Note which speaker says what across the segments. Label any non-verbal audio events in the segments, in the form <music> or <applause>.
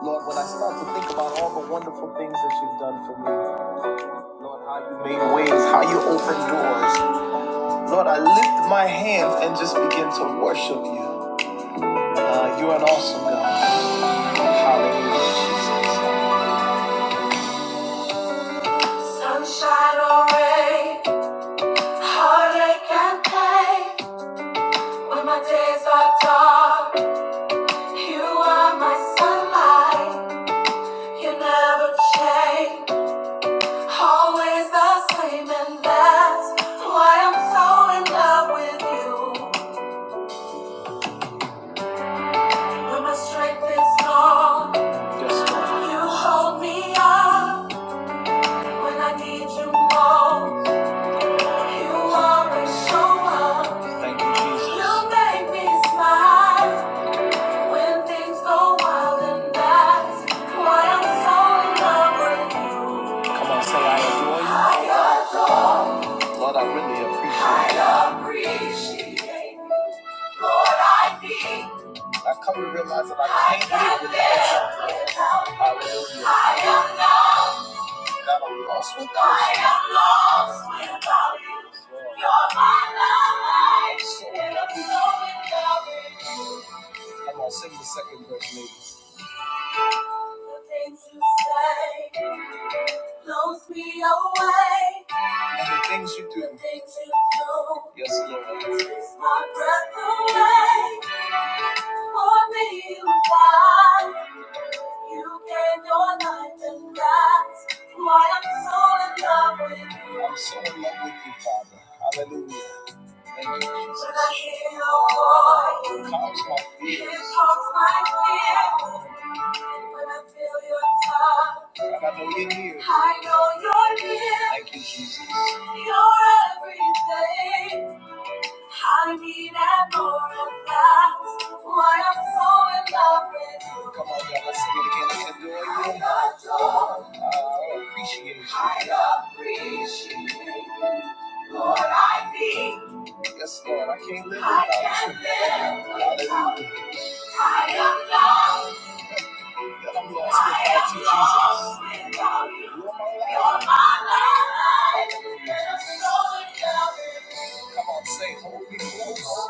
Speaker 1: Lord, when I start to think about all the wonderful things that you've done for me, you made ways, how you opened doors. Lord, I lift my hands and just begin to worship you. Uh, you're an awesome God. Hallelujah, Jesus. Sunshine or rain, heartache and pain. When my days are dark, you are my sunlight. You never change. Always the same, and that's why I'm so in love with you. When my strength is gone, yes, you hold me up when I need you most. You always show up. You make me smile. so Come on, say I adore you. Lord, I really appreciate I appreciate Lord, I need. I come to realize that I can't can't live without you. Hallelujah. I am lost. God, I'm lost without you. I am lost without you. You're my life. So in love with you. Come on, sing the second verse, ladies. The things you say blows me away. The things you do. The things you do. Yes, Lord. Takes my breath away. For me, you died. You gave your life, and that's why I'm so in love with you. I'm so in love with you, Father. Hallelujah. Thank you, Jesus. When I hear your voice, it calms my fears. It calms my fears. When I feel your touch, I know you're near. I know you're near. Thank you, Jesus. You're everything. I need and more of that. Why I'm so in love with you. Come on, y'all, let's sing it again. Let's adore you. I adore. Uh, I appreciate you. I appreciate you. Lord, I need Yes, Lord, I can't live without you. I can't you. live without you. I am loved that I'm lost without you, Jesus. You're my life. Come on, say, hold me close.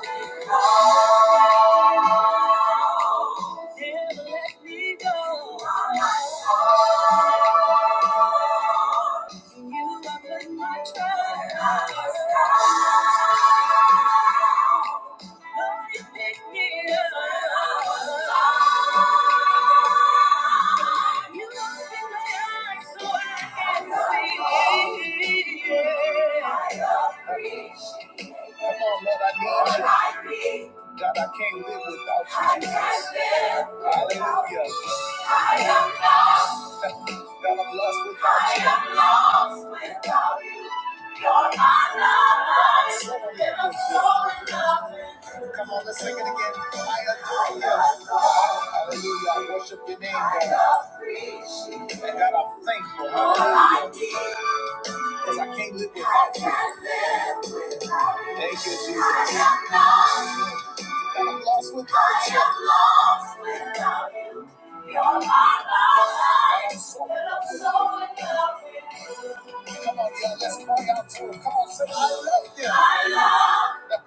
Speaker 1: Never let me go. You are put my trust. Lord, you pick me up. You open my eyes so I can see. Come on, Lord, I need you. God, I can't live without you, Jesus. Hallelujah. I am lost. God, I'm lost without you. I am lost without you. You're my lover. So in love with you. So in love with you. Come on, let's sing it again. I adore you. Hallelujah. I worship your name, God. I appreciate you. And God, I'm thankful. Hallelujah. Because I can't live without you. Thank you, Jesus. I'm lost without you. I'm lost without you. You're my life. So I'm so in love with you. Come on, y'all, let's cry out to him. Come on, say, I love you. I love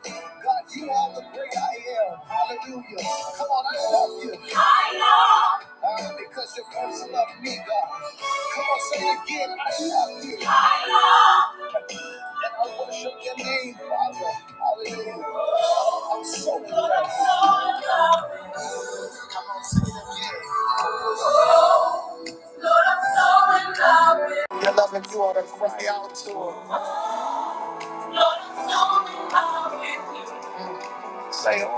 Speaker 1: God, you are the great I am. Hallelujah. Come on, I love you. I love uh, because you first loved me, God. Come on, say it again. I love you. I love and I worship your name, Father. Hallelujah. I'm so blessed. Come on, sing it again. Oh, Lord, I'm so in love with you. You're loving, you ought to cry out to him. Lord, I'm so in love with you. Say, oh.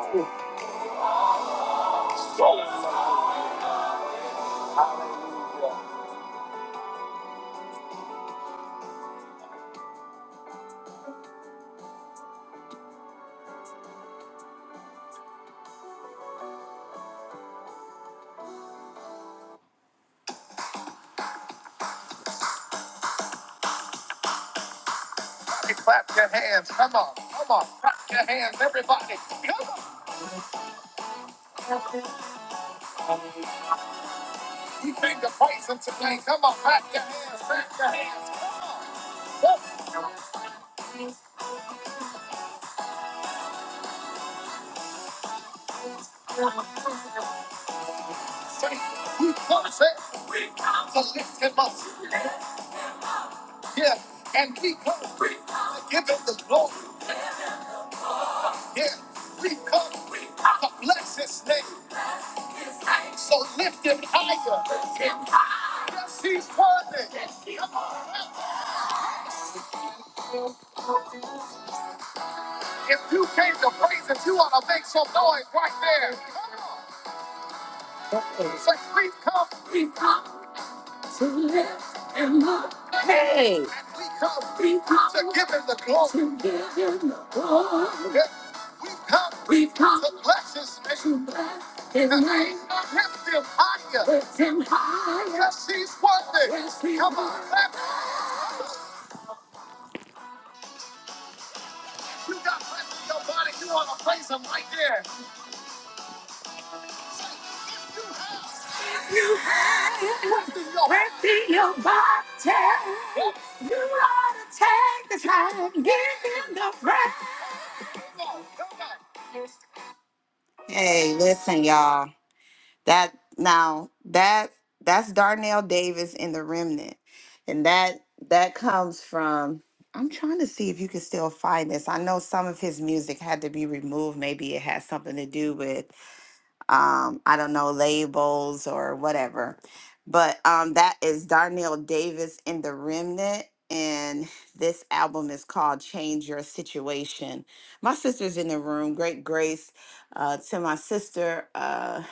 Speaker 1: We come to lift him up. We come to give him the glory. We come to bless his words and high as we praise him right there. You have breath in your body. You ought to take the time, give him the breath. Hey, listen, y'all. That now that that's Darnell Davis in the Remnant, and that that comes from. I'm trying to see if you can still find this. I know some of his music had to be removed. Maybe it has something to do with um, I don't know, labels or whatever. But um, that is Darnell Davis in The Remnant. And this album is called Change Your Situation. My sister's in the room. Great grace uh, to my sister. Uh,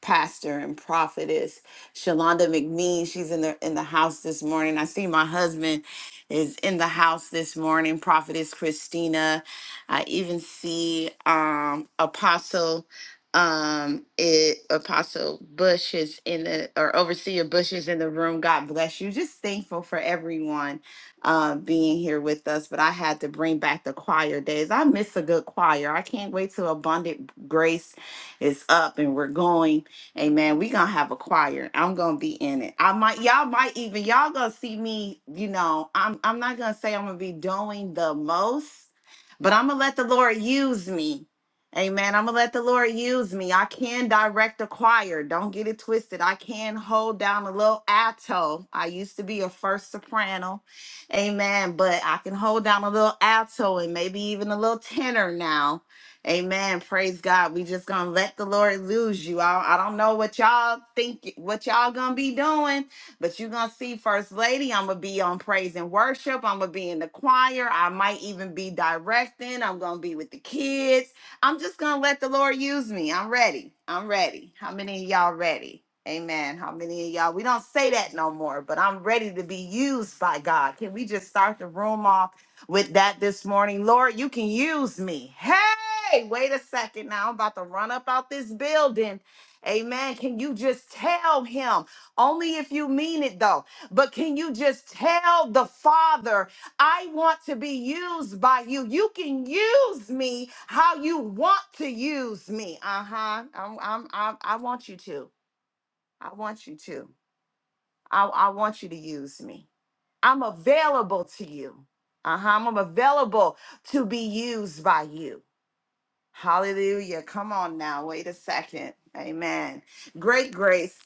Speaker 1: pastor and prophetess Shalonda McMean. She's in the in the house this morning. I see my husband is in the house this morning. Prophetess Christina. I even see um Apostle um it apostle bush is in the or overseer bush is in the room god bless you just thankful for everyone uh being here with us but i had to bring back the choir days i miss a good choir i can't wait till abundant grace is up and we're going Amen. We gonna have a choir. I'm gonna be in it. I might y'all might even y'all gonna see me, you know. I'm I'm not gonna say I'm gonna be doing the most, but I'm gonna let the Lord use me. Amen. I'm gonna let the Lord use me. I can direct a choir. Don't get it twisted. I can hold down a little alto. I used to be a first soprano. Amen. But I can hold down a little alto and maybe even a little tenor now Amen. Praise God. We just gonna let the Lord lose you. I, I don't know what y'all think, what y'all gonna be doing, but you gonna see First Lady. I'm gonna be on praise and worship. I'm gonna be in the choir. I might even be directing. I'm gonna be with the kids. I'm just gonna let the Lord use me. I'm ready. I'm ready. How many of y'all ready? Amen. How many of y'all? We don't say that no more, but I'm ready to be used by God. Can we just start the room off? with that this morning. Lord, you can use me. Hey, wait a second now. I'm about to run up out this building. Amen. Can you just tell him? Only if you mean it though. But can you just tell the Father, I want to be used by you? You can use me how you want to use me. Uh-huh. I'm, I'm, I'm, I want you to. I want you to. I, I want you to use me. I'm available to you. Uh huh. I'm available to be used by you. Hallelujah. Come on now. Wait a second. Amen. Great grace.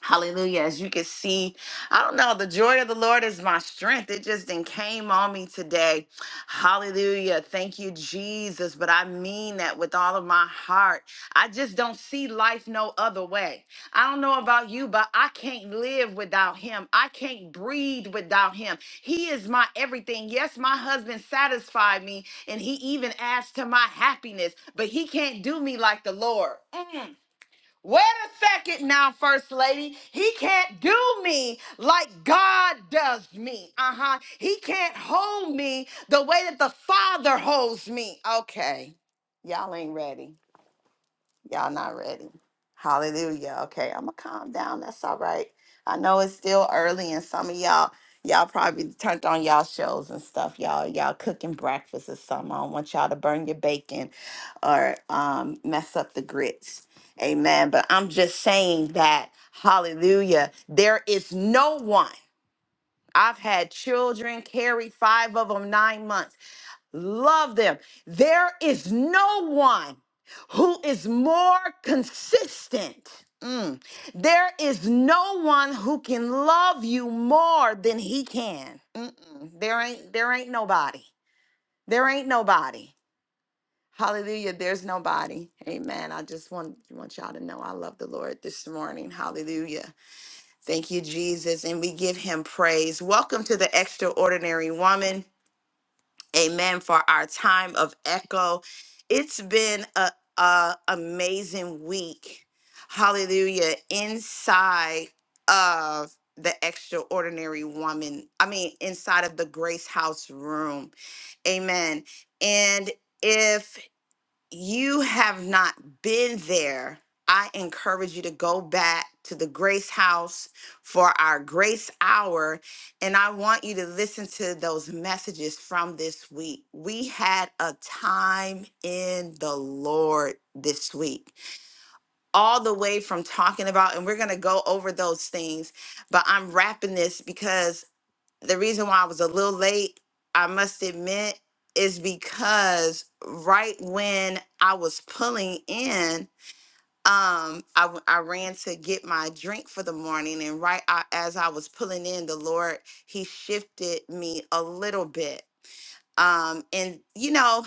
Speaker 1: Hallelujah. As you can see, I don't know, the joy of the Lord is my strength. It just then came on me today. Hallelujah. Thank you, Jesus. But I mean that with all of my heart. I just don't see life no other way. I don't know about you, but I can't live without him. I can't breathe without him. He is my everything. Yes, my husband satisfied me and he even adds to my happiness, but he can't do me like the Lord. Mm. Wait a second now, First Lady. He can't do me like God does me. Uh huh. He can't hold me the way that the Father holds me. Okay. Y'all ain't ready. Y'all not ready. Hallelujah. Okay, I'm gonna calm down. That's all right. I know it's still early and some of y'all y'all probably turned on y'all shows and stuff. Y'all y'all cooking breakfast or something. I don't want y'all to burn your bacon or um mess up the grits. Amen. But I'm just saying that hallelujah. There is no one. I've had children carry five of them nine months. Love them. There is no one who is more consistent. Mm. There is no one who can love you more than he can. Mm-mm. There ain't there ain't nobody. There ain't nobody. Hallelujah. There's nobody. Amen. I just want, want y'all to know I love the Lord this morning. Hallelujah. Thank you, Jesus. And we give him praise. Welcome to the extraordinary woman. Amen for our time of echo. It's been a, a amazing week. Hallelujah. Inside of the extraordinary woman. I mean, inside of the Grace House room. Amen. And if you have not been there, I encourage you to go back to the Grace House for our Grace Hour. And I want you to listen to those messages from this week. We had a time in the Lord this week, all the way from talking about, and we're going to go over those things, but I'm wrapping this because the reason why I was a little late, I must admit, is because right when I was pulling in, um, I, w- I ran to get my drink for the morning, and right a- as I was pulling in, the Lord He shifted me a little bit um and you know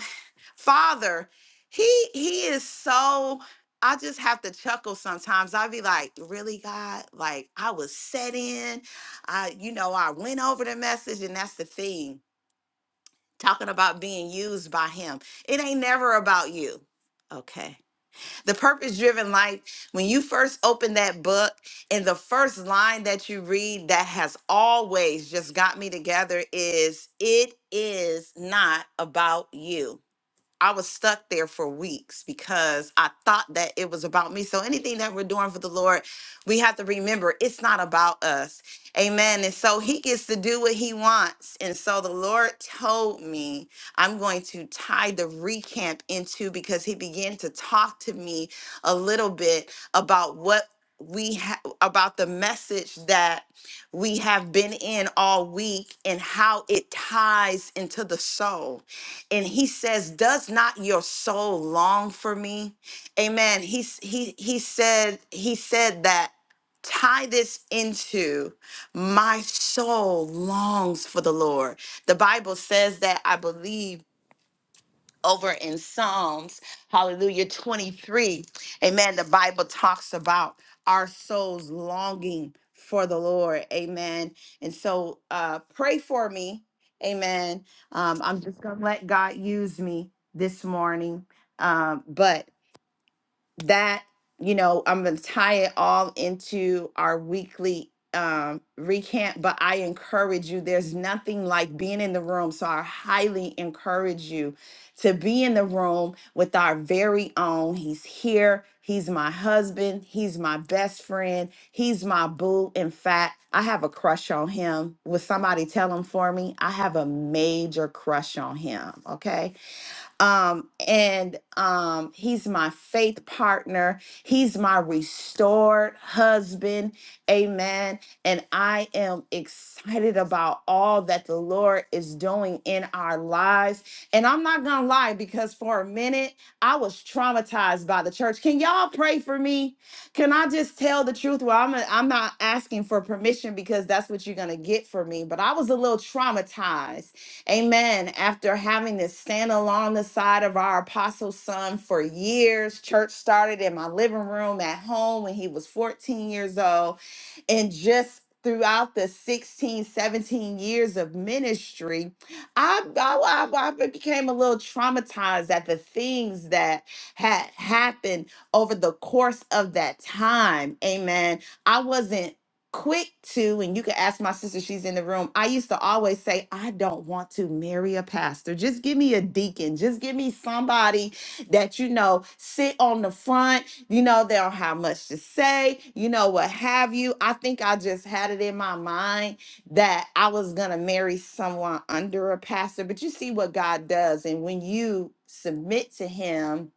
Speaker 1: father he he is so i just have to chuckle sometimes i'd be like really god like i was set in i you know i went over the message and that's the thing talking about being used by him it ain't never about you okay the purpose driven life, when you first open that book and the first line that you read that has always just got me together is, It is not about you. I was stuck there for weeks because I thought that it was about me. So anything that we're doing for the Lord, we have to remember it's not about us. Amen. And so he gets to do what he wants. And so the Lord told me I'm going to tie the recamp into because he began to talk to me a little bit about what we have about the message that we have been in all week and how it ties into the soul and he says does not your soul long for me amen he s- he he said he said that tie this into my soul longs for the lord the bible says that i believe over in Psalms, hallelujah, 23. Amen. The Bible talks about our souls longing for the Lord. Amen. And so uh, pray for me. Amen. Um, I'm just going to let God use me this morning. Um, but that you know i'm going to tie it all into our weekly um recant but i encourage you there's nothing like being in the room so i highly encourage you to be in the room with our very own he's here he's my husband he's my best friend he's my boo in fact i have a crush on him Will somebody tell him for me i have a major crush on him okay um, and um, he's my faith partner. He's my restored husband. Amen. And I am excited about all that the Lord is doing in our lives. And I'm not going to lie because for a minute, I was traumatized by the church. Can y'all pray for me? Can I just tell the truth? Well, I'm, I'm not asking for permission because that's what you're going to get for me. But I was a little traumatized Amen. After having to stand along the side of our apostle son for years, church started in my living room at home when he was 14 years old. And just throughout the 16, 17 years of ministry, I, I, I I became a little traumatized at the things that had happened over the course of that time. Amen. I wasn't quick to, and you can ask my sister, she's in the room. I used to always say, I don't want to marry a pastor. Just give me a deacon. Just give me somebody that, you know, sit on the front. You know, they don't have much to say, you know, what have you. I think I just had it in my mind that I was going to marry someone under a pastor. But you see what God does. And when you submit to Him,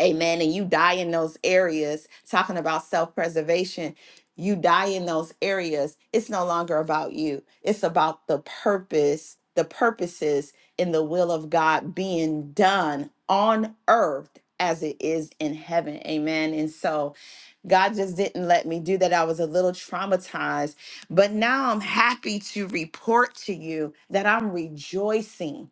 Speaker 1: Amen. And you die in those areas, talking about self preservation, you die in those areas. It's no longer about you, it's about the purpose, the purposes in the will of God being done on earth as it is in heaven. Amen. And so God just didn't let me do that. I was a little traumatized, but now I'm happy to report to you that I'm rejoicing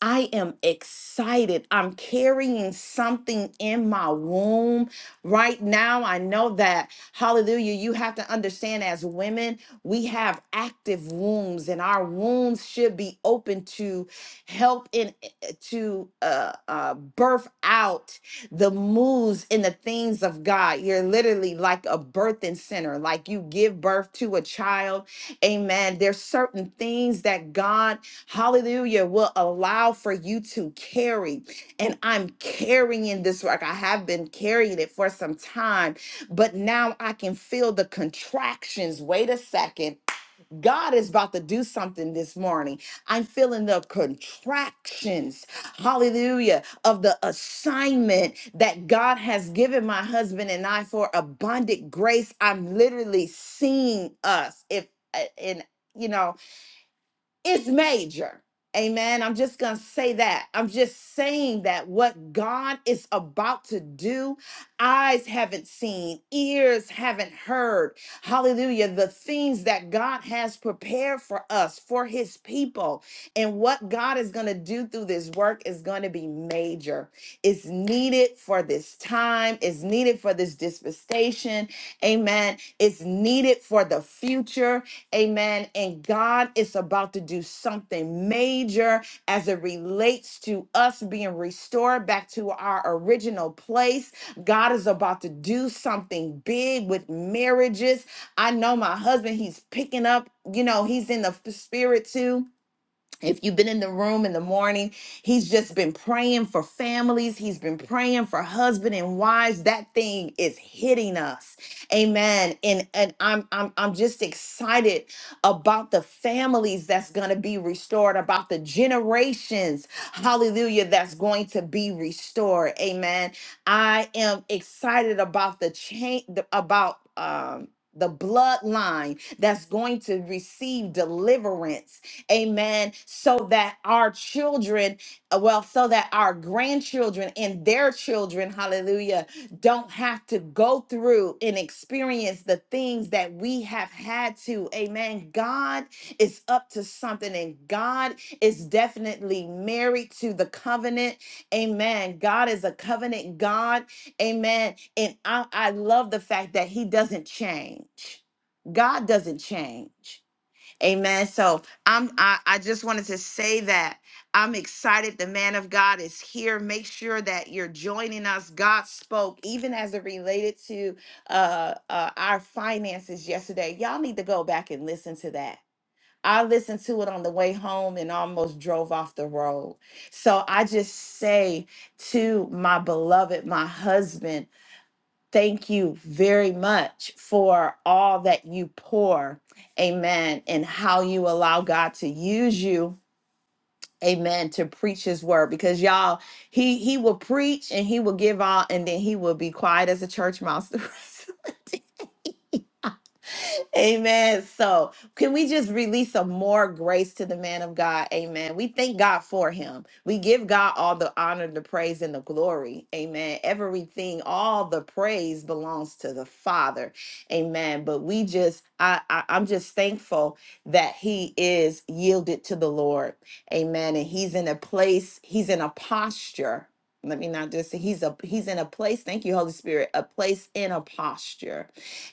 Speaker 1: I am excited. I'm carrying something in my womb right now. I know that, hallelujah, you have to understand as women, we have active wombs, and our wombs should be open to help in eh, eh, to uh, uh, birth out the moves in the things of God. You're literally like a birthing center, like you give birth to a child. Amen. There's certain things that God hallelujah, will allow for you to carry. And I'm carrying this work. I have been carrying it for some time, but now I can feel the contractions. Wait a second. God is about to do something this morning. I'm feeling the contractions, hallelujah, of the assignment that God has given my husband and I for abundant grace. I'm literally seeing us. If, and, you know, it's major. Amen. I'm just going to say that. I'm just saying that what God is about to do, eyes haven't seen, ears haven't heard. Hallelujah. The things that God has prepared for us, for his people, and what God is going to do through this work is going to be major. It's needed for this time, it's needed for this dispensation. Amen. It's needed for the future. Amen. And God is about to do something major as it relates to us being restored back to our original place. God is about to do something big with marriages. I know my husband, he's picking up, you know, he's in the f- spirit too if you've been in the room in the morning, he's just been praying for families. He's been praying for husband and wives. That thing is hitting us. Amen. And and I'm I'm I'm just excited about the families that's going to be restored, about the generations, hallelujah, that's going to be restored. Amen. I am excited about the change about um the bloodline that's going to receive deliverance Amen. So that our children, uh, well, so that our grandchildren and their children, hallelujah, don't have to go through and experience the things that we have had to. Amen. God is up to something, and God is definitely married to the covenant. Amen. God is a covenant God. Amen. And I, I love the fact that He doesn't change. God doesn't change. Amen. So I'm I, I just wanted to say that I'm excited the man of God is here. Make sure that you're joining us. God spoke even as it related to uh, uh our finances yesterday. Y'all need to go back and listen to that. I listened to it on the way home and almost drove off the road. So I just say to my beloved, my husband, Thank you very much for all that you pour. Amen. And how you allow God to use you. Amen. To preach his word. Because y'all, he he will preach and he will give out and then he will be quiet as a church mouse. <laughs> the rest Amen. So, can we just release some more grace to the man of God? Amen. We thank God for him. We give God all the honor, the praise, and the glory. Amen. Everything, all the praise belongs to the Father. Amen. But we just, I, I I'm just thankful that he is yielded to the Lord. Amen. And he's in a place. He's in a posture. Let me not just say he's a he's in a place. Thank you, Holy Spirit. A place in a posture.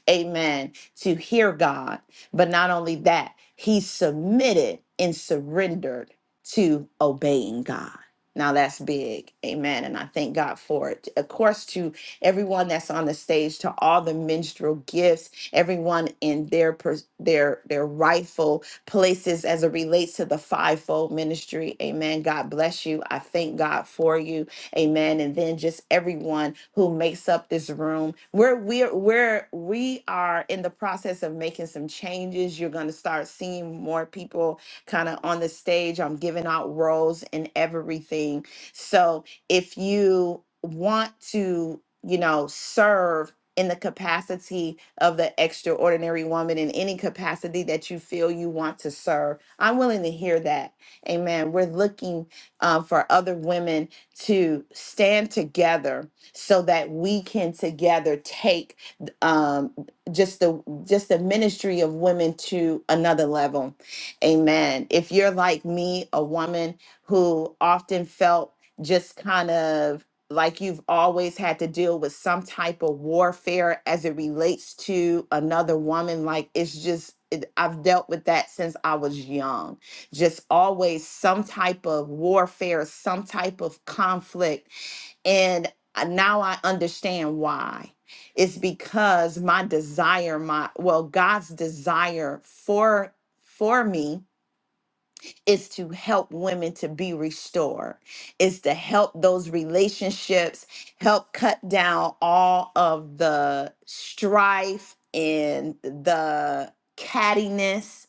Speaker 1: Amen to hear God. But not only that, he submitted and surrendered to obeying God. Now that's big. Amen. And I thank God for it. Of course, to everyone that's on the stage, to all the minstrel gifts, everyone in their pers- their their rightful places as it relates to the fivefold ministry. Amen. God bless you. I thank God for you. Amen. And then just everyone who makes up this room. We're we're we're we are in the process of making some changes. You're gonna start seeing more people kind of on the stage. I'm giving out roles and everything. So if you want to, you know, serve in the capacity of the extraordinary woman in any capacity that you feel you want to serve. I'm willing to hear that. Amen. We're looking uh, for other women to stand together so that we can together take um, just the just the ministry of women to another level. Amen. If you're like me, a woman who often felt just kind of like you've always had to deal with some type of warfare as it relates to another woman like it's just it, I've dealt with that since I was young just always some type of warfare, some type of conflict. And I- now I understand why. It's because my desire, my well, God's desire for for me is to help women to be restored, is to help those relationships, help cut down all of the strife and the cattiness,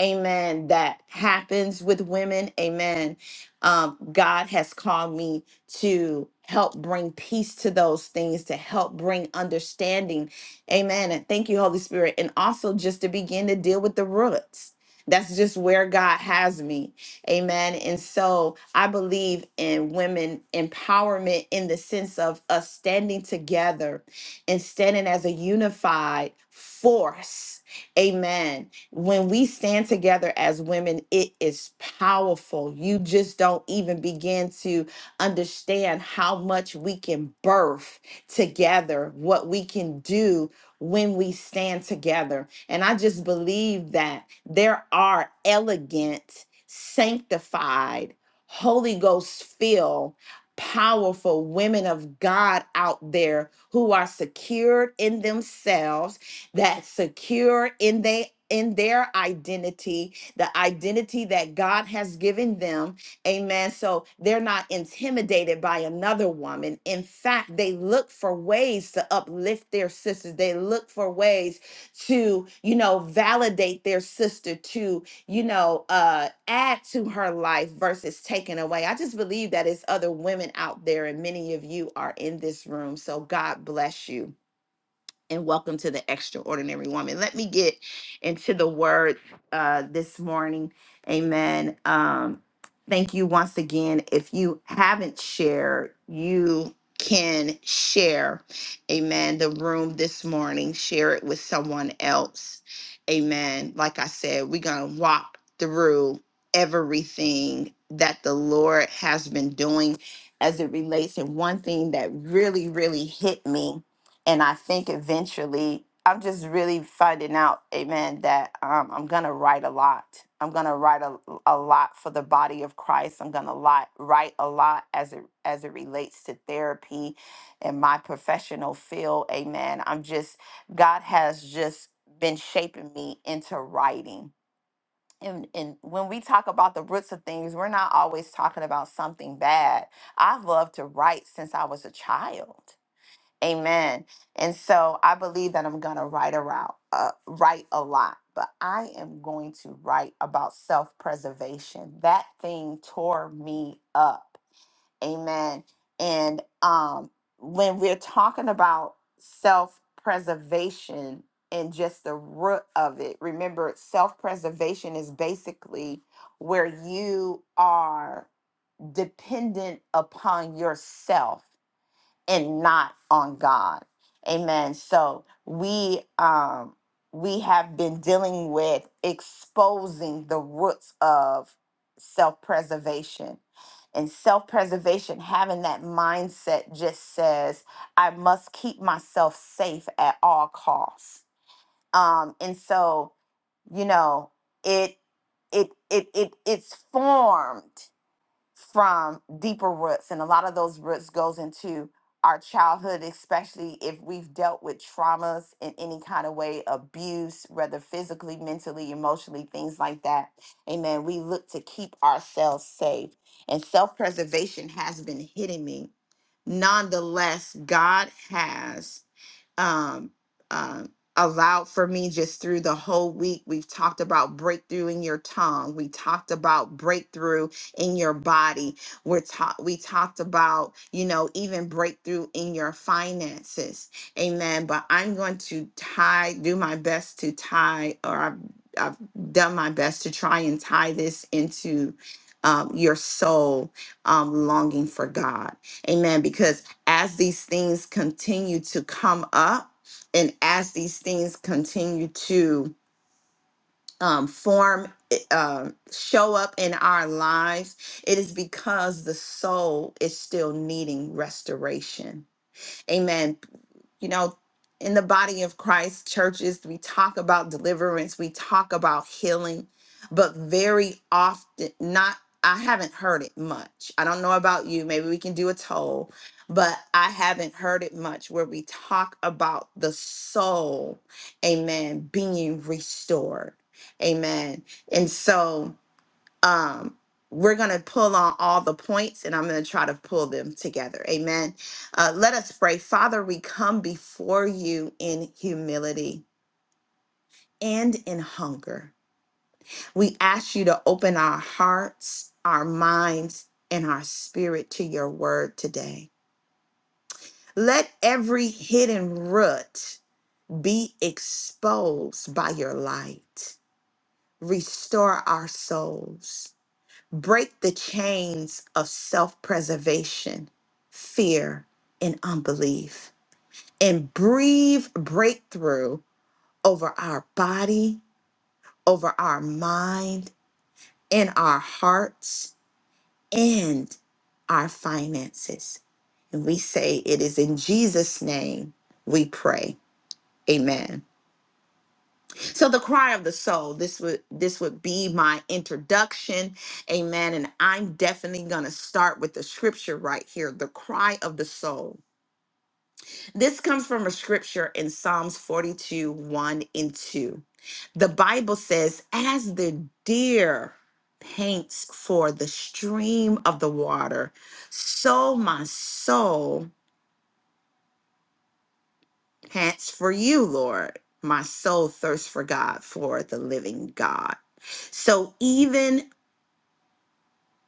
Speaker 1: amen, that happens with women, amen. Um, God has called me to help bring peace to those things, to help bring understanding, amen. And thank you, Holy Spirit, and also just to begin to deal with the roots that's just where God has me. Amen. And so I believe in women empowerment in the sense of us standing together and standing as a unified force. Amen. When we stand together as women, it is powerful. You just don't even begin to understand how much we can birth together, what we can do when we stand together. And I just believe that there are elegant, sanctified, Holy Ghost filled, powerful women of God out there who are secured in themselves, that secure in they in their identity, the identity that God has given them, Amen. So they're not intimidated by another woman. In fact, they look for ways to uplift their sisters. They look for ways to, you know, validate their sister, to, you know, uh, add to her life versus taking away. I just believe that it's other women out there, and many of you are in this room. So God bless you and welcome to the extraordinary woman. Let me get into the word uh, this morning. Amen. Um, thank you once again. If you haven't shared, you can share, amen, the room this morning. Share it with someone else. Amen. Like I said, we're going to walk through everything that the Lord has been doing as it relates. And one thing that really, really hit me and I think eventually I'm just really finding out, amen, that um, I'm gonna write a lot. I'm gonna write a, a lot for the body of Christ. I'm gonna lot, write a lot as it as it relates to therapy and my professional field, amen. I'm just God has just been shaping me into writing. And, and when we talk about the roots of things, we're not always talking about something bad. I've loved to write since I was a child. Amen. And so I believe that I'm gonna write around, uh, write a lot, but I am going to write about self-preservation. That thing tore me up. Amen. And um, when we're talking about self-preservation and just the root of it, remember self-preservation is basically where you are dependent upon yourself and not on God. Amen. So we um we have been dealing with exposing the roots of self-preservation. And self-preservation having that mindset just says I must keep myself safe at all costs. Um and so, you know, it it it it it's formed from deeper roots and a lot of those roots goes into our childhood especially if we've dealt with traumas in any kind of way abuse whether physically mentally emotionally things like that amen we look to keep ourselves safe and self-preservation has been hitting me nonetheless god has um, uh, allowed for me just through the whole week. We've talked about breakthrough in your tongue. We talked about breakthrough in your body. We're ta- we talked about, you know, even breakthrough in your finances. Amen. But I'm going to tie, do my best to tie, or I've, I've done my best to try and tie this into um, your soul um, longing for God. Amen. Because as these things continue to come up and as these things continue to um, form, uh, show up in our lives, it is because the soul is still needing restoration Amen. You know, in the body of Christ, churches, we talk about deliverance, we talk about healing, but very often, not, I haven't heard it much. I don't know about you. Maybe we can do a toll, but I haven't heard it much where we talk about the soul, amen, being restored. Amen. And so, um we're going to pull on all the points and I'm going to try to pull them together. Amen. Uh, let us pray. Father, we come before you in humility and in hunger. We ask you to open our hearts, our minds, and our spirit to your word today. Let every hidden root be exposed by your light. Restore our souls Break the chains of self preservation, fear, and unbelief, and breathe breakthrough over our body, over our mind, in our hearts, and our finances. And we say it is in Jesus' name we pray. Amen. So the cry of the soul. This would this would be my introduction. Amen. And I'm definitely going to start with the scripture right here, the cry of the soul. This comes from a scripture in Psalms 42, 1 and 2. The Bible says, as the deer paints for the stream of the water, so my soul Pants for you, Lord. My soul thirsts for God, for the living God. So even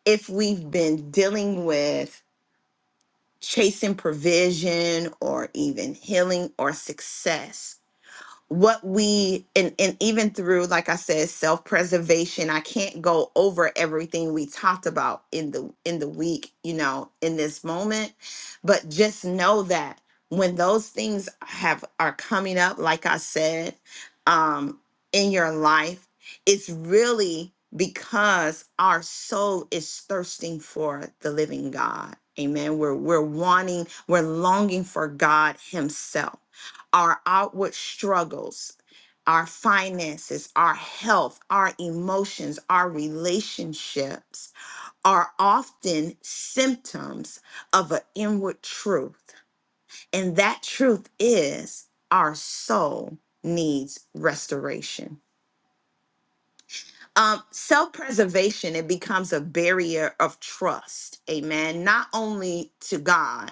Speaker 1: if we've been dealing with chasing provision or even healing or success, what we and and even through like i said self-preservation i can't go over everything we talked about in the in the week you know in this moment but just know that when those things have are coming up like i said um in your life it's really because our soul is thirsting for the living god amen we're we're wanting we're longing for god himself our outward struggles, our finances, our health, our emotions, our relationships are often symptoms of an inward truth. And that truth is our soul needs restoration. Um, Self preservation, it becomes a barrier of trust, amen, not only to God,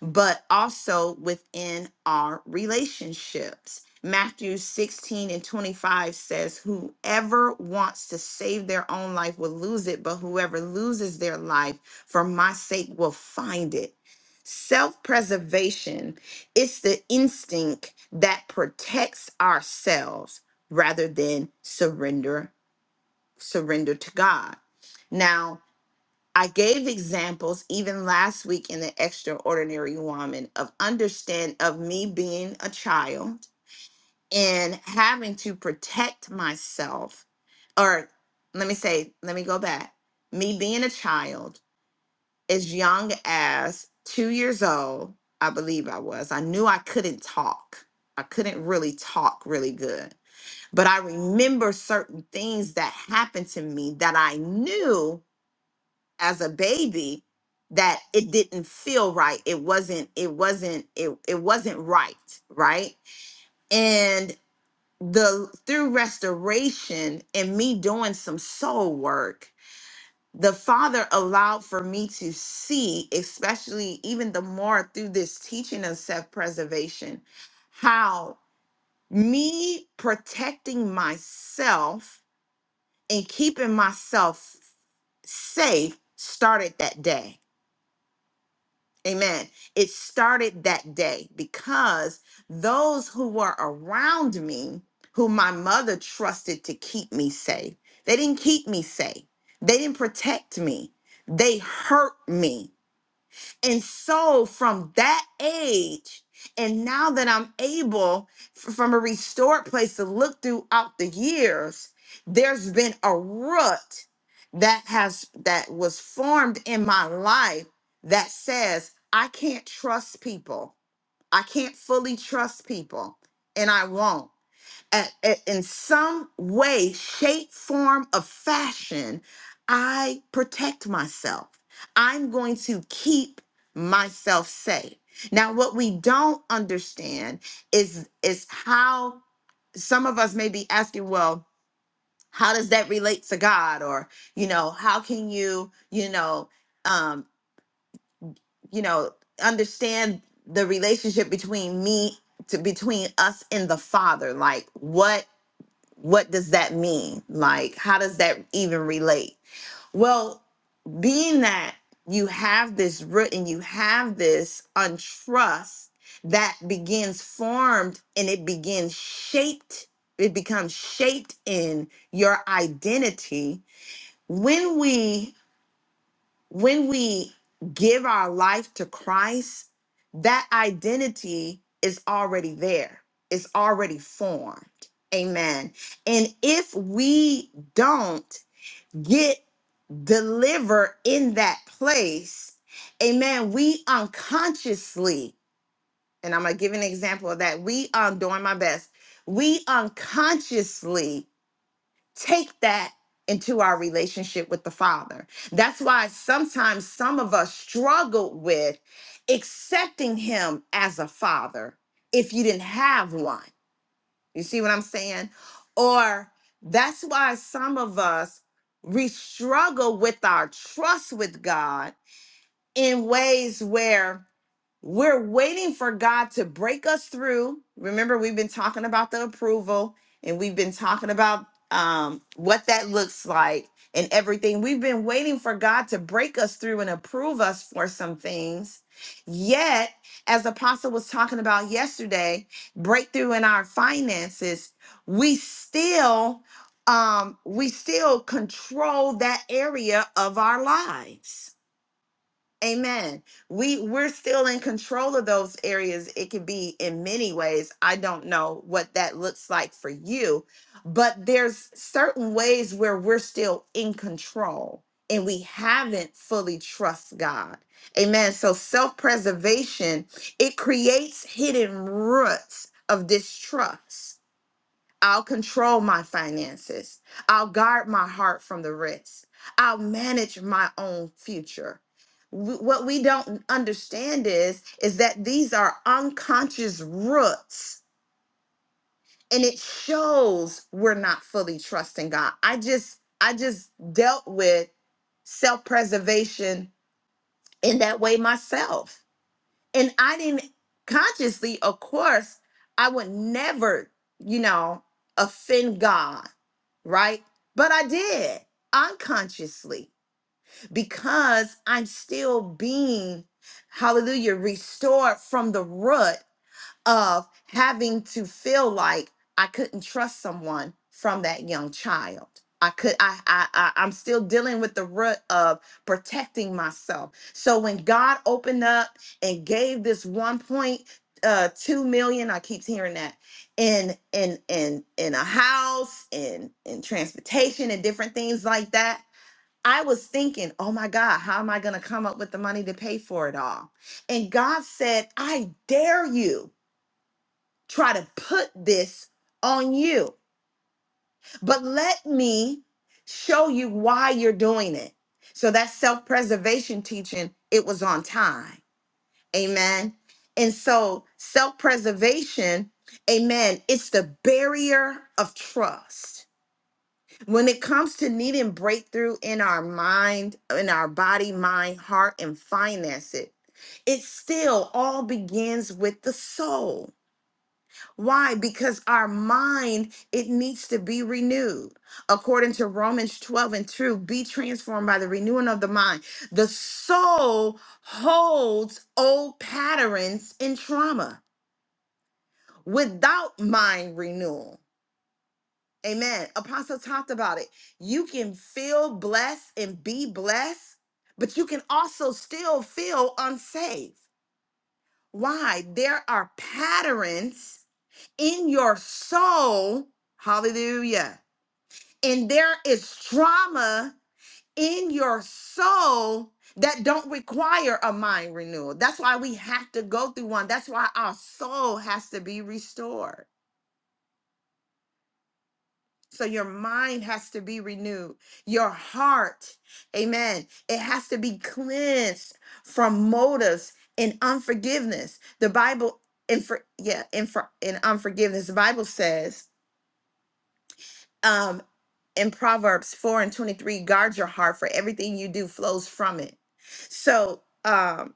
Speaker 1: but also within our relationships. Matthew 16 and 25 says, Whoever wants to save their own life will lose it, but whoever loses their life for my sake will find it. Self preservation it's the instinct that protects ourselves rather than surrender surrender to God. Now, I gave examples even last week in the extraordinary woman of understand of me being a child and having to protect myself or let me say, let me go back. Me being a child as young as 2 years old, I believe I was. I knew I couldn't talk. I couldn't really talk really good but I remember certain things that happened to me that I knew as a baby that it didn't feel right it wasn't it wasn't it, it wasn't right right and the through restoration and me doing some soul work the father allowed for me to see especially even the more through this teaching of self-preservation how me protecting myself and keeping myself safe started that day Amen. It started that day because those who were around me, who my mother trusted to keep me safe, they didn't keep me safe. They didn't protect me. They hurt me and so from that age, and now that I'm able f- from a restored place to look throughout the years, there's been a root that has that was formed in my life that says I can't trust people. I can't fully trust people and I won't at, at- in some way, shape, form, of fashion, I protect myself. I'm going to keep myself safe. Now, what we don't understand is is how some of us may be asking, well, how does that relate to God? Or, you know, how can you, you know, um, you know, understand the relationship between me to between us and the Father? Like what what does that mean? Like, how does that even relate? Well, being that you have this root and you have this untrust that begins formed and it begins shaped, it becomes shaped in your identity. When we when we give our life to Christ, that identity is already there, it's already formed. Amen. And if we don't get delivered in that place, amen, we unconsciously, and I'm going to give an example of that. We, um, doing my best, we unconsciously take that into our relationship with the Father. That's why sometimes some of us struggle with accepting Him as a Father if you didn't have one. You see what I'm saying? Or that's why some of us we struggle with our trust with God in ways where we're waiting for God to break us through. Remember, we've been talking about the approval and we've been talking about um, what that looks like and everything. We've been waiting for God to break us through and approve us for some things. Yet, as Apostle was talking about yesterday, breakthrough in our finances, we still um we still control that area of our lives Amen. We we're still in control of those areas. It could be in many ways. I don't know what that looks like for you, but there's certain ways where we're still in control and we haven't fully trust God. Amen. So self-preservation, it creates hidden roots of distrust I'll control my finances. I'll guard my heart from the risk. I'll manage my own future. W- What we don't understand is is that these are unconscious roots and it shows we're not fully trusting God. I just I just dealt with self-preservation in that way myself and I didn't consciously, of course, I would never, you know, offend God, right? But I did unconsciously because I'm still being, hallelujah, restored from the root of having to feel like I couldn't trust someone from that young child. I could I I, I I'm still dealing with the root of protecting myself. So when God opened up and gave this 1.2 million, I keep hearing that in in in in a house in in transportation and different things like that. I was thinking, oh my God, how am I going to come up with the money to pay for it all? And God said, I dare you try to put this on you. But let me show you why you're doing it. So that self preservation teaching, it was on time. Amen. And so self preservation, amen, it's the barrier of trust. When it comes to needing breakthrough in our mind, in our body, mind, heart, and finances, it it still all begins with the soul. Why? Because our mind, it needs to be renewed. According to Romans 12 and 2, be transformed by the renewing of the mind. The soul holds old patterns and trauma without mind renewal. Amen. Apostle talked about it. You can feel blessed and be blessed, but you can also still feel unsafe. Why? There are patterns in your soul, hallelujah, and there is trauma in your soul that don't require a mind renewal. That's why we have to go through one. That's why our soul has to be restored. So your mind has to be renewed. Your heart, amen, it has to be cleansed from motives and unforgiveness. The Bible and for yeah, and for and unforgiveness. The Bible says, um. in Proverbs 4 and 23, guard your heart, for everything you do flows from it. So, um,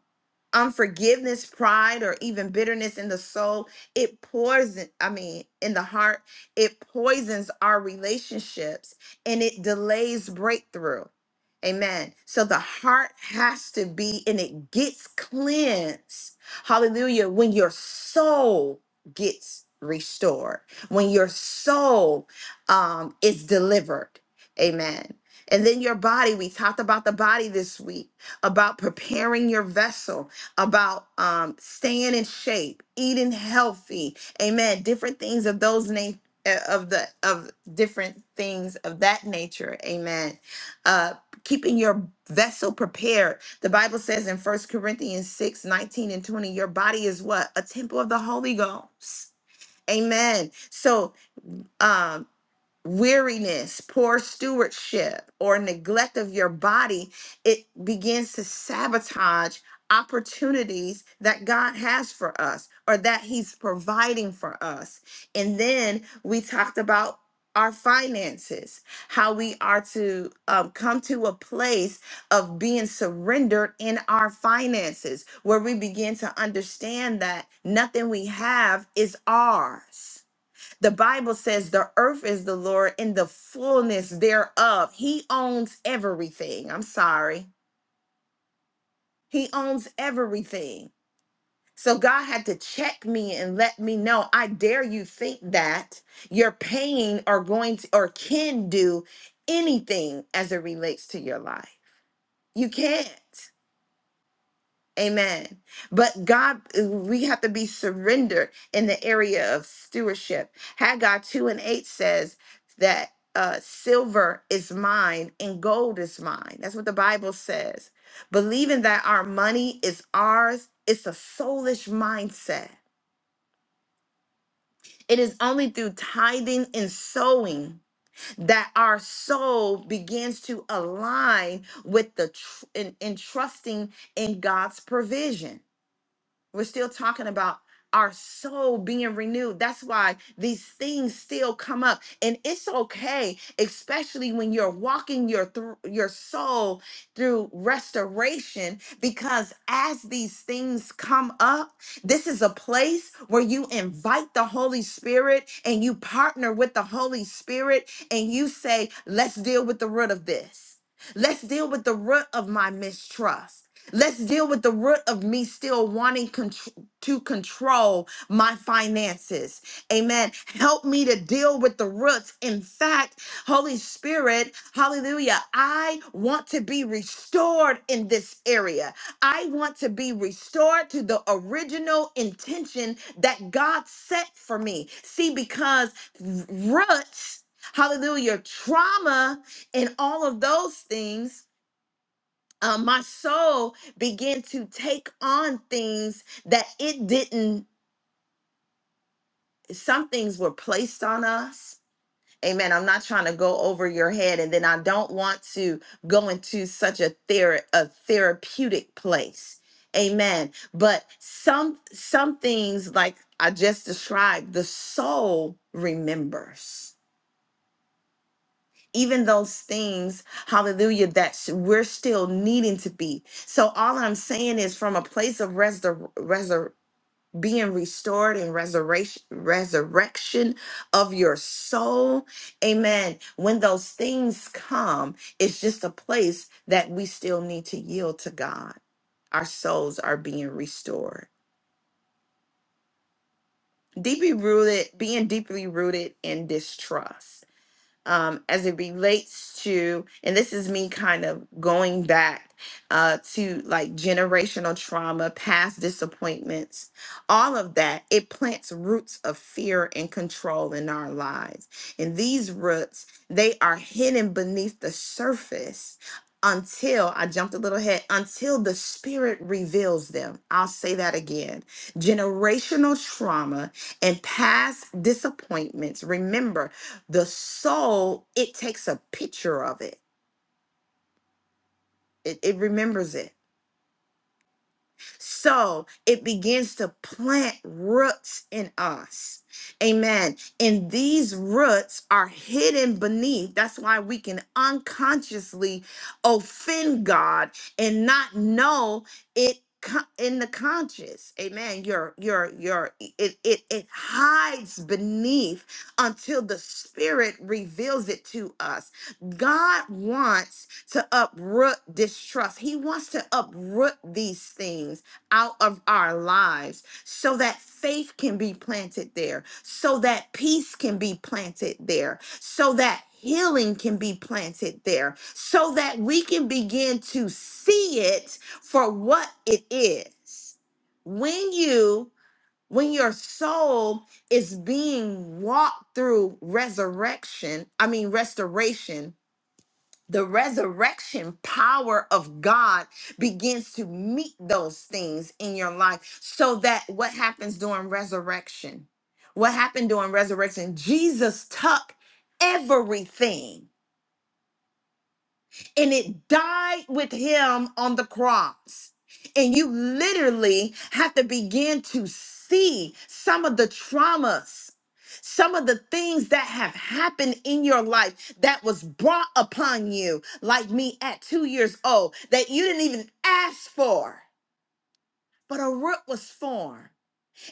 Speaker 1: unforgiveness, pride, or even bitterness in the soul, it poison, I mean, in the heart, it poisons our relationships and it delays breakthrough. Amen. So the heart has to be, and it gets cleansed. Hallelujah. When your soul gets restored, when your soul um, is delivered. Amen. And then your body, we talked about the body this week, about preparing your vessel about um, staying in shape, eating healthy, amen. Different things of those na- uh, of the of different things of that nature, amen. Uh, keeping your vessel prepared. The Bible says in First Corinthians 6 19 and 20, your body is what? A temple of the Holy Ghost. Amen. So um, weariness, poor stewardship, or neglect of your body, it begins to sabotage opportunities that God has for us or that He's providing for us. And then we talked about our finances, how we are to um, come to a place of being surrendered in our finances, where we begin to understand that nothing we have is ours the Bible says the earth is the Lord in the fullness thereof. He owns everything. I'm sorry. He owns everything. So God had to check me and let me know I dare you think that your pain are going to or can do anything as it relates to your life. You can't. Amen. But God, we have to be surrendered in the area of stewardship. Haggai 2 and 8 says that uh, silver is mine and gold is mine. That's what the Bible says. Believing that our money is ours, it's a soulish mindset. It is only through tithing and sowing that our soul begins to align with the tr- in, in trusting in God's provision. We're still talking about our soul being renewed. That's why these things still come up. And it's okay, especially when you're walking your through your soul through restoration because as these things come up, this is a place where you invite the Holy Spirit and you partner with the Holy Spirit and you say, "Let's deal with the root of this." Let's deal with the root of my mistrust. Let's deal with the root of me still wanting contr- to control my finances. Amen. Help me to deal with the roots. In fact, Holy Spirit, hallelujah, I want to be restored in this area. I want to be restored to the original intention that God set for me. See, because roots, hallelujah, trauma, and all of those things uh, my soul began to take on things that it didn't some things were placed on us amen i'm not trying to go over your head and then i don't want to go into such a, thera- a therapeutic place amen but some some things like i just described the soul remembers even those things, hallelujah, that sh- we're still needing to be. So all I'm saying is from a place of resur- resur- being restored and resurrection resurrection of your soul. Amen. When those things come, it's just a place that we still need to yield to God. Our souls are being restored. Deeply rooted, being deeply rooted in distrust um, as it relates to, and this is me kind of going back uh, to like generational trauma, past disappointments, all of that, it plants roots of fear and control in our lives. And these roots, they are hidden beneath the surface until I jumped a little ahead, until the spirit reveals them. I'll say that again. Generational trauma and past disappointments. Remember, the soul it takes a picture of it it, it remembers it So it begins to plant roots in us. Amen. And these roots are hidden beneath. That's why we can unconsciously offend God and not know it co- in the conscious amen your your your it, it it hides beneath until the spirit reveals it to us god wants to uproot distrust he wants to uproot these things out of our lives so that faith can be planted there, so that peace can be planted there, so that healing can be planted there, so that we can begin to see it for what it is. When you when your soul is being walked through resurrection, I mean restoration, the resurrection power of God begins to meet those things in your life so that what happens during resurrection? What happened during resurrection? Jesus took everything and it died with him on the cross. And you literally have to begin to see some of the traumas, some of the things that have happened in your life that was brought upon you, like me at two years old, that you didn't even ask for, but a root was formed.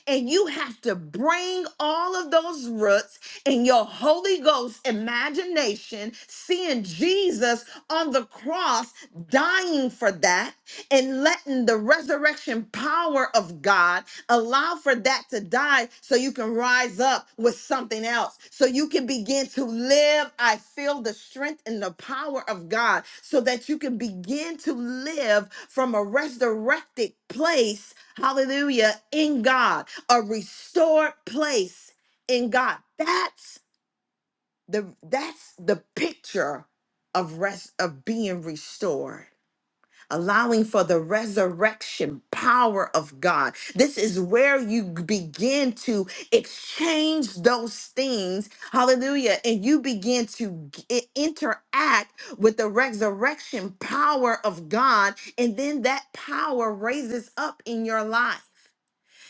Speaker 1: And you have to bring all of those roots in your Holy Ghost imagination, seeing Jesus on the cross dying for that and letting the resurrection power of God allow for that to die so you can rise up with something else so you can begin to live i feel the strength and the power of god so that you can begin to live from a resurrected place hallelujah in god a restored place in God. That's the that's the picture of rest of being restored. Allowing for the resurrection power of God. This is where you begin to exchange those things. Hallelujah. And you begin to g- interact with the resurrection power of God. And then that power raises up in your life.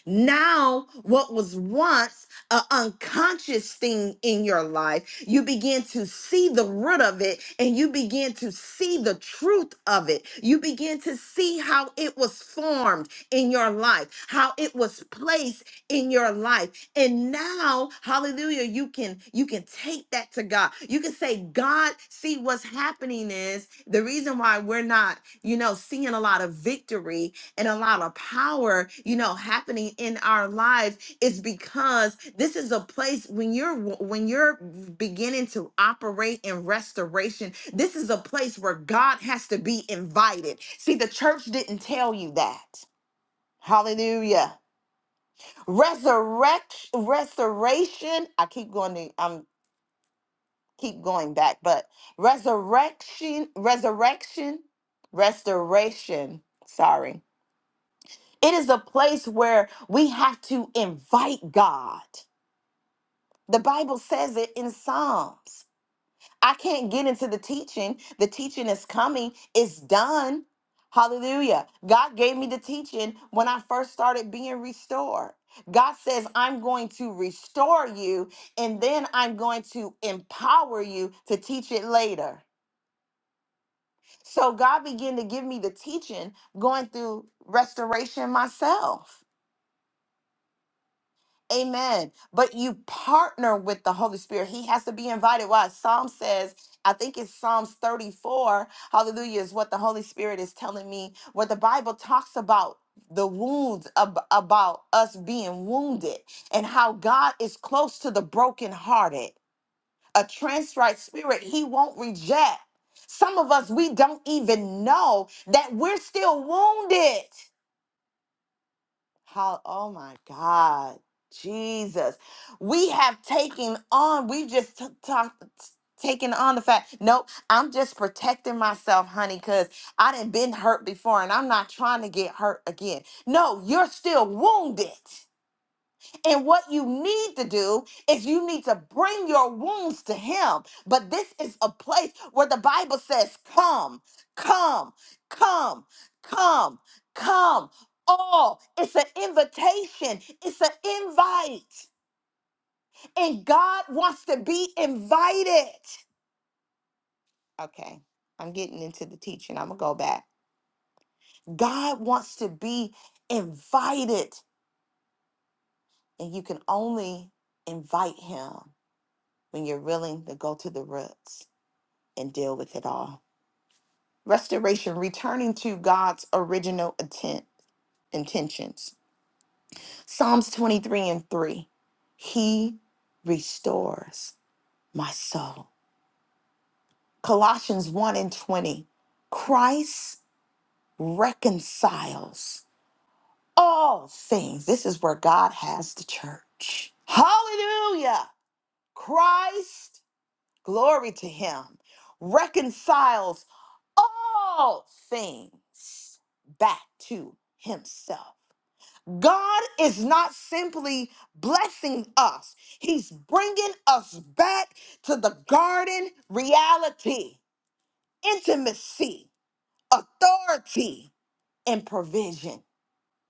Speaker 1: Now, what was once an unconscious thing in your life, you begin to see the root of it and you begin to see the truth of it. You begin to see how it was formed in your life, how it was placed in your life. And now, hallelujah, you can you can take that to God. You can say, "God, see what's happening is the reason why we're not, you know, seeing a lot of victory and a lot of power, you know, happening in our lives is because this is a place when you're when you're beginning to operate in restoration, this is a place where God has to be invited. See, the church didn't tell you that. Hallelujah. Resurrection restoration. I keep going to I'm keep going back, but resurrection, resurrection, restoration. Sorry It is a place where we have to invite God. The Bible says it in Psalms. I can't get into the teaching. The teaching is coming, it's done. Hallelujah. God gave me the teaching when I first started being restored. God says, I'm going to restore you, and then I'm going to empower you to teach it later. So God began to give me the teaching going through restoration myself. Amen. But you partner with the Holy Spirit. He has to be invited. Why? Psalm says, I think it's Psalms 34, hallelujah, is what the Holy Spirit is telling me, what the Bible talks about the wounds ab- about us being wounded and how God is close to the brokenhearted. A contrite spirit, he won't reject. Some of us, we don't even know that we're still wounded. How, oh my God, Jesus. We have taken on, we've just t- talked. Taking on the fact, nope, I'm just protecting myself, honey, because I didn't been hurt before and I'm not trying to get hurt again. No, you're still wounded. And what you need to do is you need to bring your wounds to Him. But this is a place where the Bible says, Come, come, come, come, come. All. It's an invitation, it's an invite. And God wants to be invited. Okay, I'm getting into the teaching. I'm going to go back. God wants to be invited, and you can only invite Him when you're willing to go to the roots. and deal with it all. Restoration, returning to God's original intent, intentions. Psalms 23 and 3. He restores my soul. Colossians 1 and 20. Christ reconciles all things. This is where God has the church. Hallelujah. Christ Glory to him. Reconciles all things back to himself. God is not simply blessing us, he's bringing us back to the garden reality, intimacy, authority, and provision.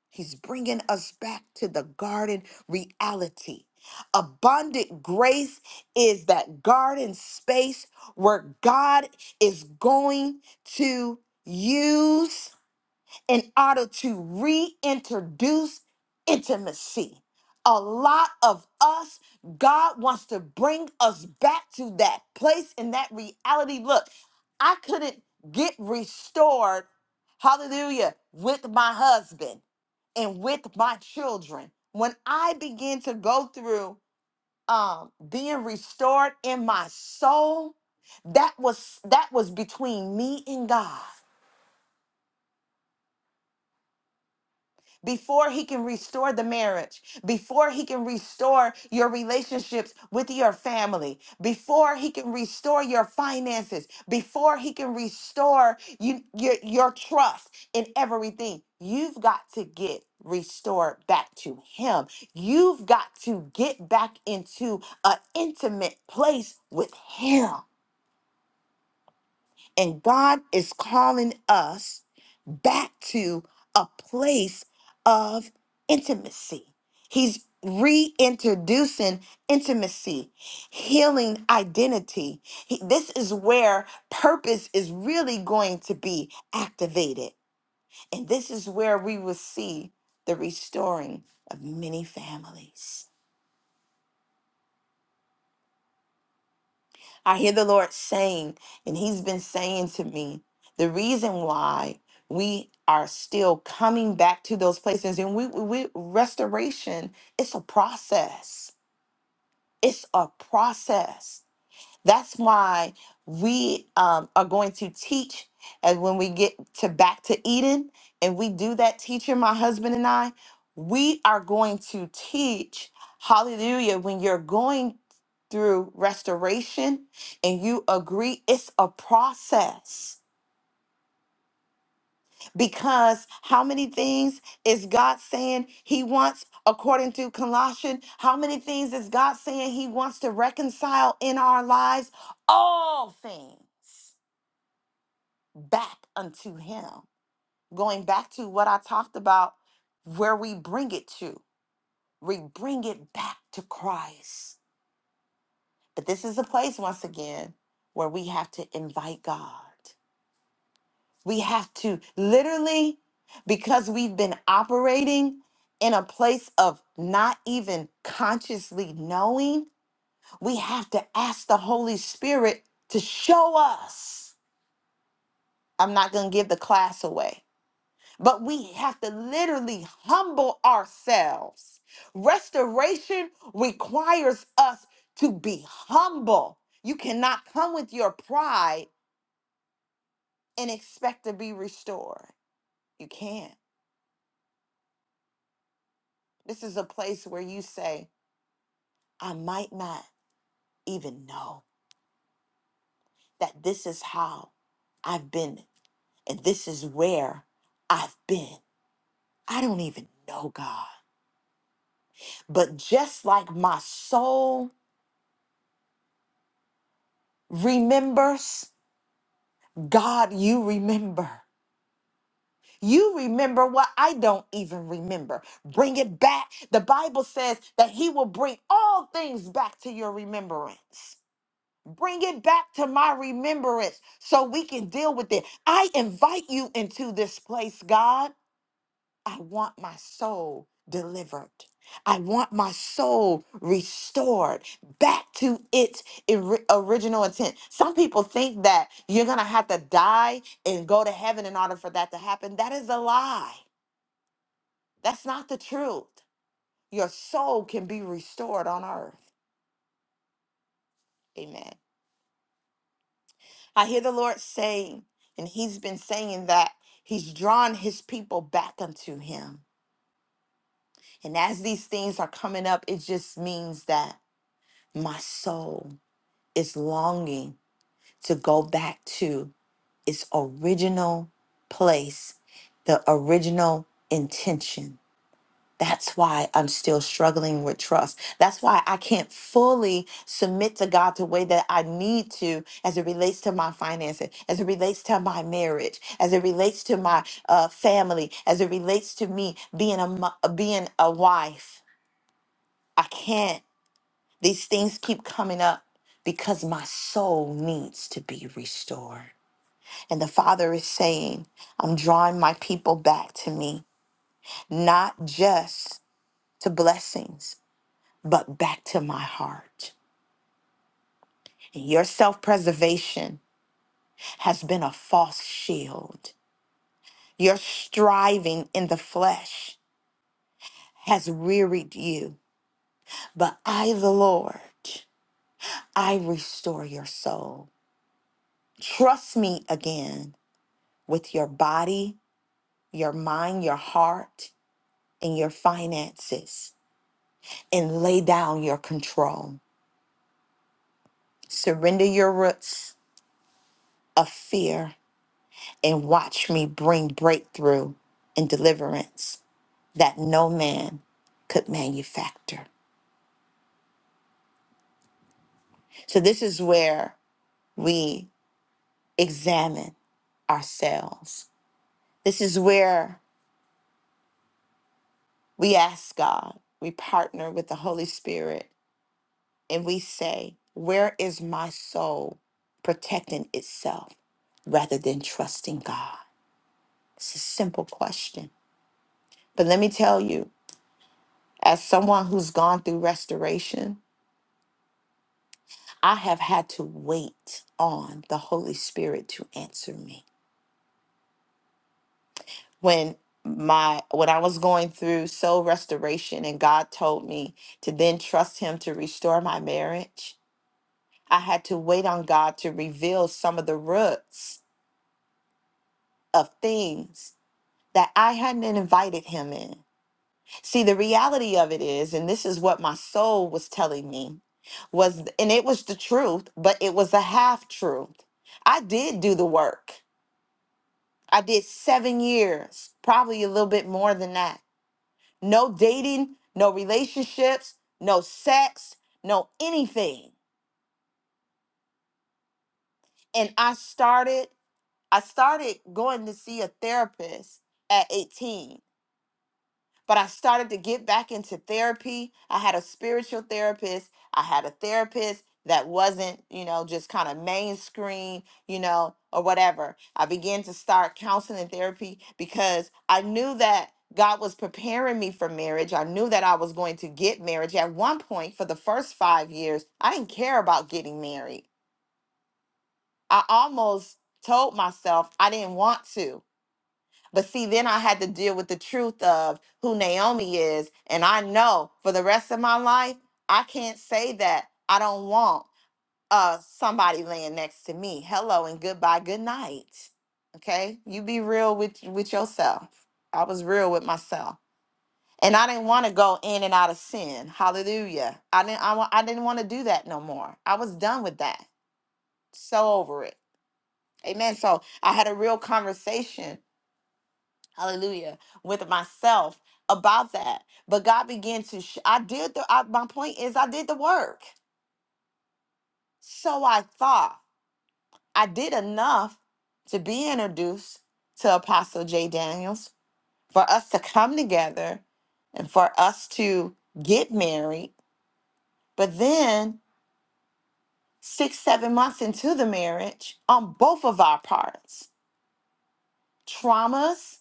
Speaker 1: He's bringing us back to the garden reality. Abundant grace is that garden space where God is going to use in order to reintroduce intimacy. A lot of us, God wants to bring us back to that place and that reality. Look, I couldn't get restored, hallelujah, with my husband and with my children when i begin to go through um being restored in my soul that was that was between me and god before he can restore the marriage, before he can restore your relationships with your family, before he can restore your finances, before he can restore you, your, your trust in everything. You've got to get restored back to him. You've got to get back into an intimate place with him. And God is calling us back to a place of intimacy. He's reintroducing intimacy, healing identity. He- this is where purpose is really going to be activated. And this is where we will see the restoring of many families. I hear the Lord saying, and He's been saying to me, the reason why we are still coming back to those places and we, we we- restoration, it's a process. It's a process. That's why we um, are going to teach. And when we get to back to Eden, and we do that teaching, my husband and I, we are going to teach. Hallelujah. When you're going through restoration and you agree, it's a process. Because how many things is God saying He wants, according to Colossians? How many things is God saying He wants to reconcile in our lives? All things. back unto him going back to what i talked about where we bring it to we bring it back to christ but this is a place once again where we have to invite god we have to literally because we've been operating in a place of not even consciously knowing we have to ask the holy spirit to show us i'm not going to give the class away But we have to literally humble ourselves. Restoration requires us to be humble. You cannot come with your pride and expect to be restored. You can't. This is a place where you say, I might not even know that this is how I've been and this is where I've been. I don't even know God. But just like my soul remembers, God, you remember. You remember what I don't even remember. Bring it back. The Bible says that He will bring all things back to your remembrance. Bring it back to my remembrance so we can deal with it. I invite you into this place, God. I want my soul delivered. I want my soul restored back to its ori- original intent. Some people think that you're going to have to die and go to heaven in order for that to happen. That is a lie. That's not the truth. Your soul can be restored on earth. Amen. I hear the Lord saying, and He's been saying that He's drawn His people back unto Him. And as these things are coming up, it just means that. my soul is longing to go back to its original place, the original intention. That's why I'm still struggling with trust. That's why I can't fully submit to God the way that I need to as it relates to my finances, as it relates to my marriage, as it relates to my uh, family, as it relates to me being a, mo- being a wife. I can't. These things keep coming up because my soul needs to be restored. And the Father is saying, I'm drawing my people back to me, not just to blessings, but back to my heart. And your self preservation has been a false shield. Your striving in the flesh has wearied you. But I, the Lord, I restore your soul. Trust me again with your body your mind, your heart, and your finances, and lay down your control. Surrender your roots of fear and watch me bring breakthrough and deliverance that no man could manufacture. So, this is where we examine ourselves. This is where we ask God, we partner with the Holy Spirit and we say, Where is my soul protecting itself rather than trusting God? It's a simple question. But let me tell you, as someone who's gone through restoration, I have had to wait on the Holy Spirit to answer me. When my when I was going through soul restoration and God told me to then trust him to restore my marriage, I had to wait on God to reveal some of the roots of things that I hadn't invited him in. See, the reality of it is, and this is what my soul was telling me, was and it was the truth, but it was a half truth. I did do the work. I did 7 years, probably a little bit more than that. No dating, no relationships, no sex, no anything. And I started I started going to see a therapist at 18 but I started to get back into therapy. I had a spiritual therapist. I had a therapist that wasn't, you know, just kind of mainstream, you know, or whatever. I began to start counseling and therapy because I knew that God was preparing me for marriage. I knew that I was going to get marriage. At one point, for the first five years, I didn't care about getting married. I almost told myself I didn't want to but see, then I had to deal with the truth of who Naomi is. And I know for the rest of my life, I can't say that I don't want uh somebody laying next to me. Hello and goodbye, good night. Okay? You be real with with yourself. I was real with myself. And I didn't want to go in and out of sin. Hallelujah. I didn't I, wa- I didn't want to do that no more. I was done with that. So over it. Amen. So I had a real conversation hallelujah with myself about that but god began to sh- i did the I, my point is i did the work so i thought i did enough to be introduced to apostle j daniels for us to come together and for us to get married but then six seven months into the marriage on both of our parts traumas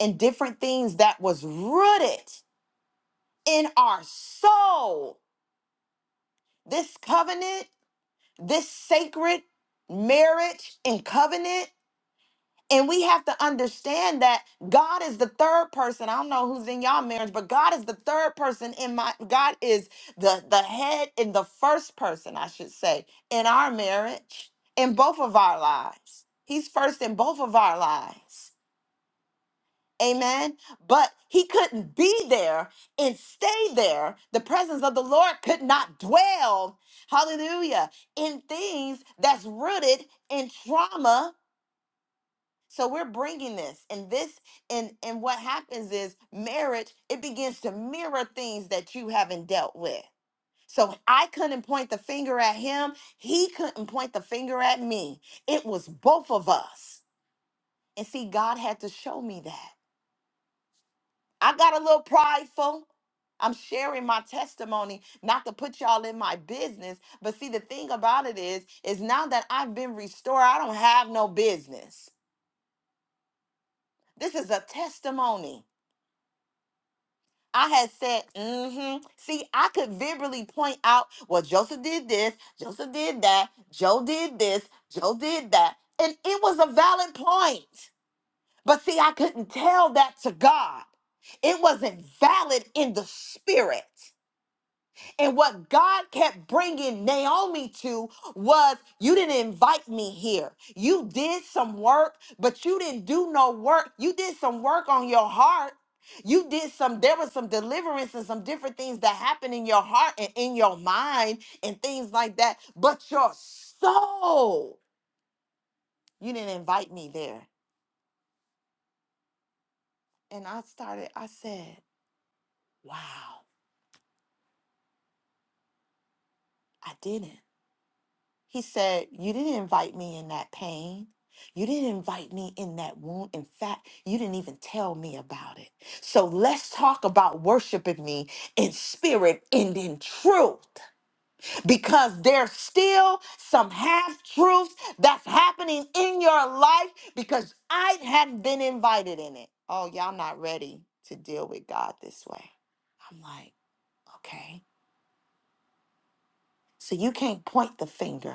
Speaker 1: and different things that was rooted in our soul this covenant, this sacred marriage and covenant. And we have to understand that God is the third person. I don't know who's in y'all marriage, but God is the third person in my God is the the head and the first person, I should say, in our marriage, in both of our lives. He's first in both of our lives. Amen. But he couldn't be there and stay there. The presence of the Lord could not dwell, hallelujah, in things that's rooted in trauma. So we're bringing this and this and and what happens is marriage it begins to mirror things that you haven't dealt with. So I couldn't point the finger at him, he couldn't point the finger at me. It was both of us. And see God had to show me that. I got a little prideful. I'm sharing my testimony, not to put y'all in my business. But see, the thing about it is, is now that I've been restored, I don't have no business. This is a testimony. I had said, mm-hmm. See, I could verbally point out, well, Joseph did this, Joseph did that, Joe did this, Joe did that. And it was a valid point. But see, I couldn't tell that to God. It wasn't valid in the spirit. And what God kept bringing Naomi to was you didn't invite me here. You did some work, but you didn't do no work. You did some work on your heart. You did some, there was some deliverance and some different things that happened in your heart and in your mind and things like that. But your soul, you didn't invite me there. And I started, I said, wow, I didn't. He said, You didn't invite me in that pain. You didn't invite me in that wound. In fact, you didn't even tell me about it. So let's talk about worshiping me in spirit and in truth because there's still some half truths that's happening in your life because I hadn't been invited in it. Oh, y'all not ready to deal with God this way. I'm like, okay. So you can't point the finger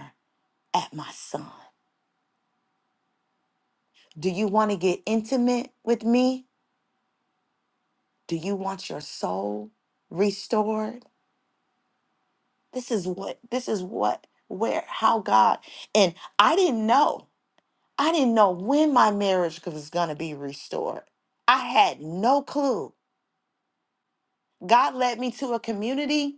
Speaker 1: at my son Do you want to get intimate with me? Do you want your soul restored? This is what, this is what, where, how God. And I didn't know. I didn't know when my marriage was going to be restored. I had no clue. God led me to a community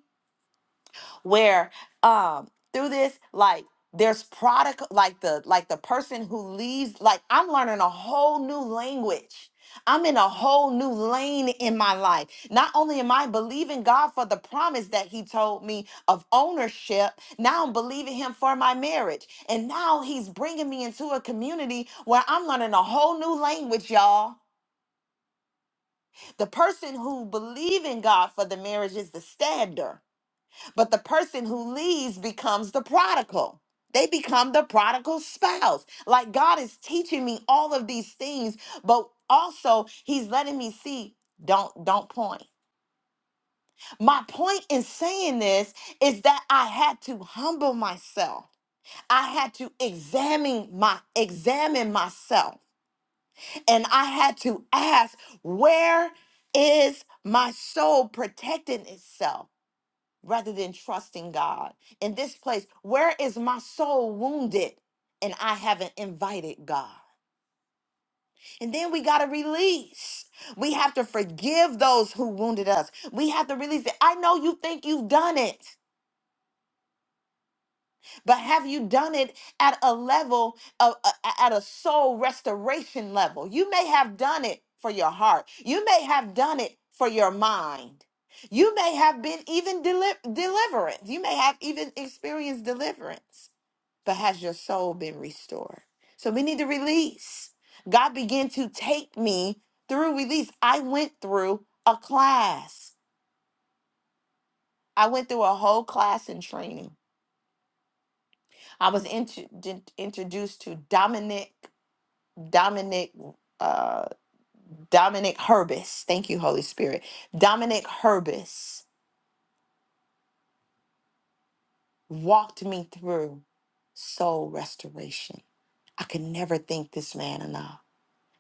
Speaker 1: where um through this like there's product like the like the person who leaves like i'm learning a whole new language i'm in a whole new lane in my life not only am i believing god for the promise that he told me of ownership now i'm believing him for my marriage and now he's bringing me into a community where i'm learning a whole new language y'all the person who believe in god for the marriage is the standard but the person who leaves becomes the prodigal. They become the prodigal spouse. Like God is teaching me all of these things, but also he's letting me see don't don't point. My point in saying this is that I had to humble myself. I had to examine my examine myself and I had to ask where is my soul protecting itself? rather than trusting God. In this place, where is my soul wounded and I haven't invited God? And then we got to release. We have to forgive those who wounded us. We have to release it. I know you think you've done it, but have you done it at a level of a- a- at a soul restoration level? You may have done it for your heart. You may have done it for your mind. You may have been even deli- deliverance. You may have even experienced deliverance. but has your soul been restored? So we need to release. God began to take me through release. I went through a class. I went through a whole class in training. I was intro- d- introduced to Dominic, Dominic, uh, Dominic Herbis. Thank you, Holy Spirit. Dominic Herbis walked me through soul restoration. I could never thank this man enough.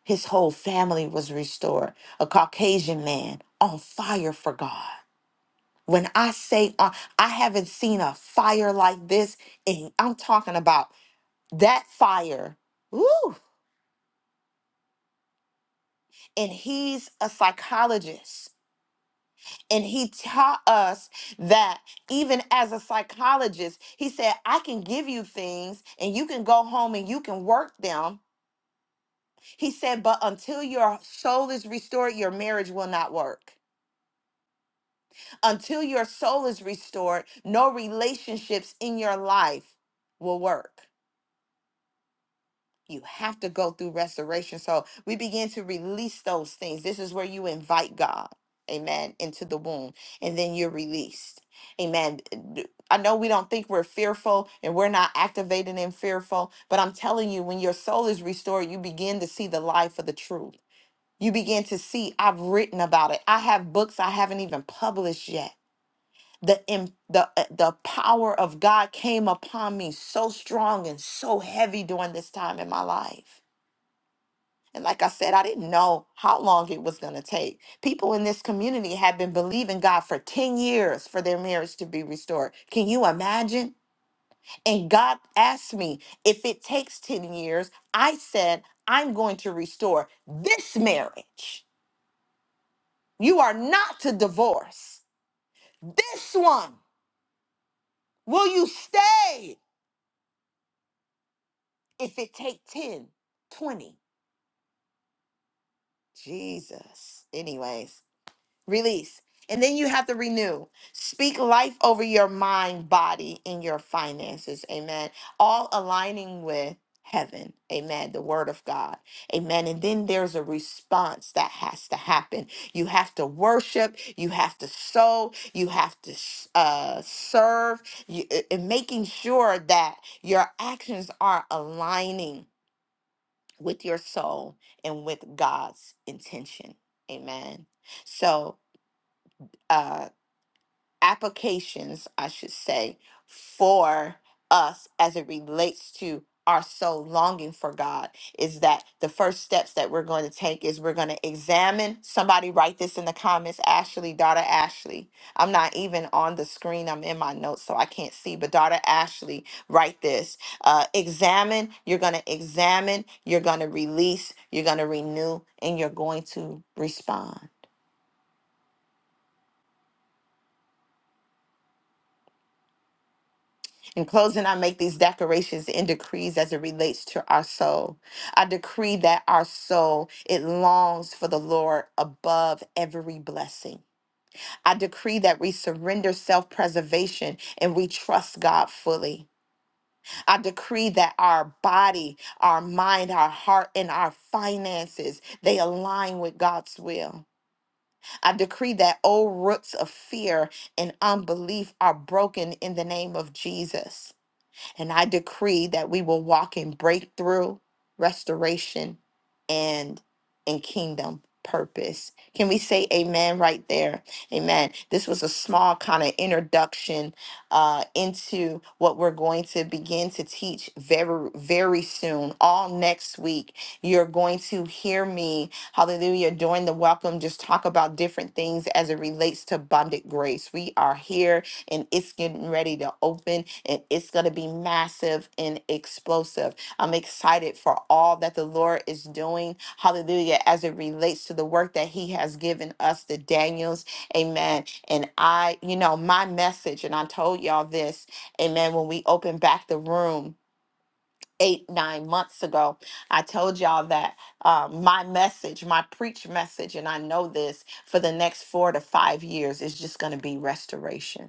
Speaker 1: His whole family was restored. A Caucasian man on fire for God. When I say uh, I haven't seen a fire like this, and I'm talking about that fire. Woo! And he's a psychologist. And he taught us that even as a psychologist, he said, I can give you things and you can go home and you can work them. He said, but until your soul is restored, your marriage will not work. Until your soul is restored, no relationships in your life will work. You have to go through restoration. So we begin to release those things. This is where you invite God, amen, into the womb, and then you're released. Amen. D- I know we don't think we're fearful and we're not activated in fearful, but I'm telling you, when your soul is restored, you begin to see the life of the truth. You begin to see, I've written about it. I have books I haven't even published yet the im- the uh, the power of God came upon me so strong and so heavy during this time in my life. And like I said, I didn't know how long it was going to take. People in this community have been believing God for 10 years for their marriage to be restored. Can you imagine? And God asked me, if it takes 10 years, I said, I'm going to restore this marriage. You are not to divorce. This one. Will you stay? if it take 10, 20, jesus anyways release and then you have to renew speak life over your mind body and your finances amen all aligning with heaven amen the word of god amen and then there's a response that has to happen you have to worship you have to sow you have to uh, serve you, uh, and making sure that your actions are aligning with your soul and with God's intention. Amen. So, uh, applications, I should say, for us as it relates to our soul longing for God is that the first steps that we're going to take is we're going to examine. Somebody write this in the comments, Ashley, daughter Ashley. I'm not even on the screen, I'm in my notes, so I can't see, but daughter Ashley, write this. Uh, examine, you're going to examine, you're going to release, you're going to renew, and you're going to respond In closing, I make these declarations and decrees as it relates to our soul. I decree that our soul, it longs for the Lord above every blessing. I decree that we surrender self preservation and we trust God fully. I decree that our body, our mind, our heart, and our finances, they align with God's will. I decree that old roots of fear and unbelief are broken in the name of Jesus. And I decree that we will walk in breakthrough, restoration, and in kingdom purpose. Can we say amen right there? Amen. This was a small kind of introduction uh, into what we're going to begin to teach very, very soon. All next week, you're going to hear me, hallelujah, during the welcome, just talk about different things as it relates to bonded grace. We are here and it's getting ready to open and it's going to be massive and explosive. I'm excited for all that the Lord is doing. Hallelujah. As it relates to the work that He has given us, the Daniels. Amen. And I, you know, my message, and I told y'all this, amen, when we opened back the room. Eight, nine months ago, I told y'all that uh, my message, my preach message, and I know this for the next four to five years is just going to be restoration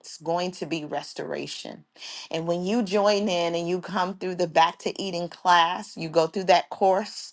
Speaker 1: it's going to be restoration. And when you join in and you come through the back to eating class, you go through that course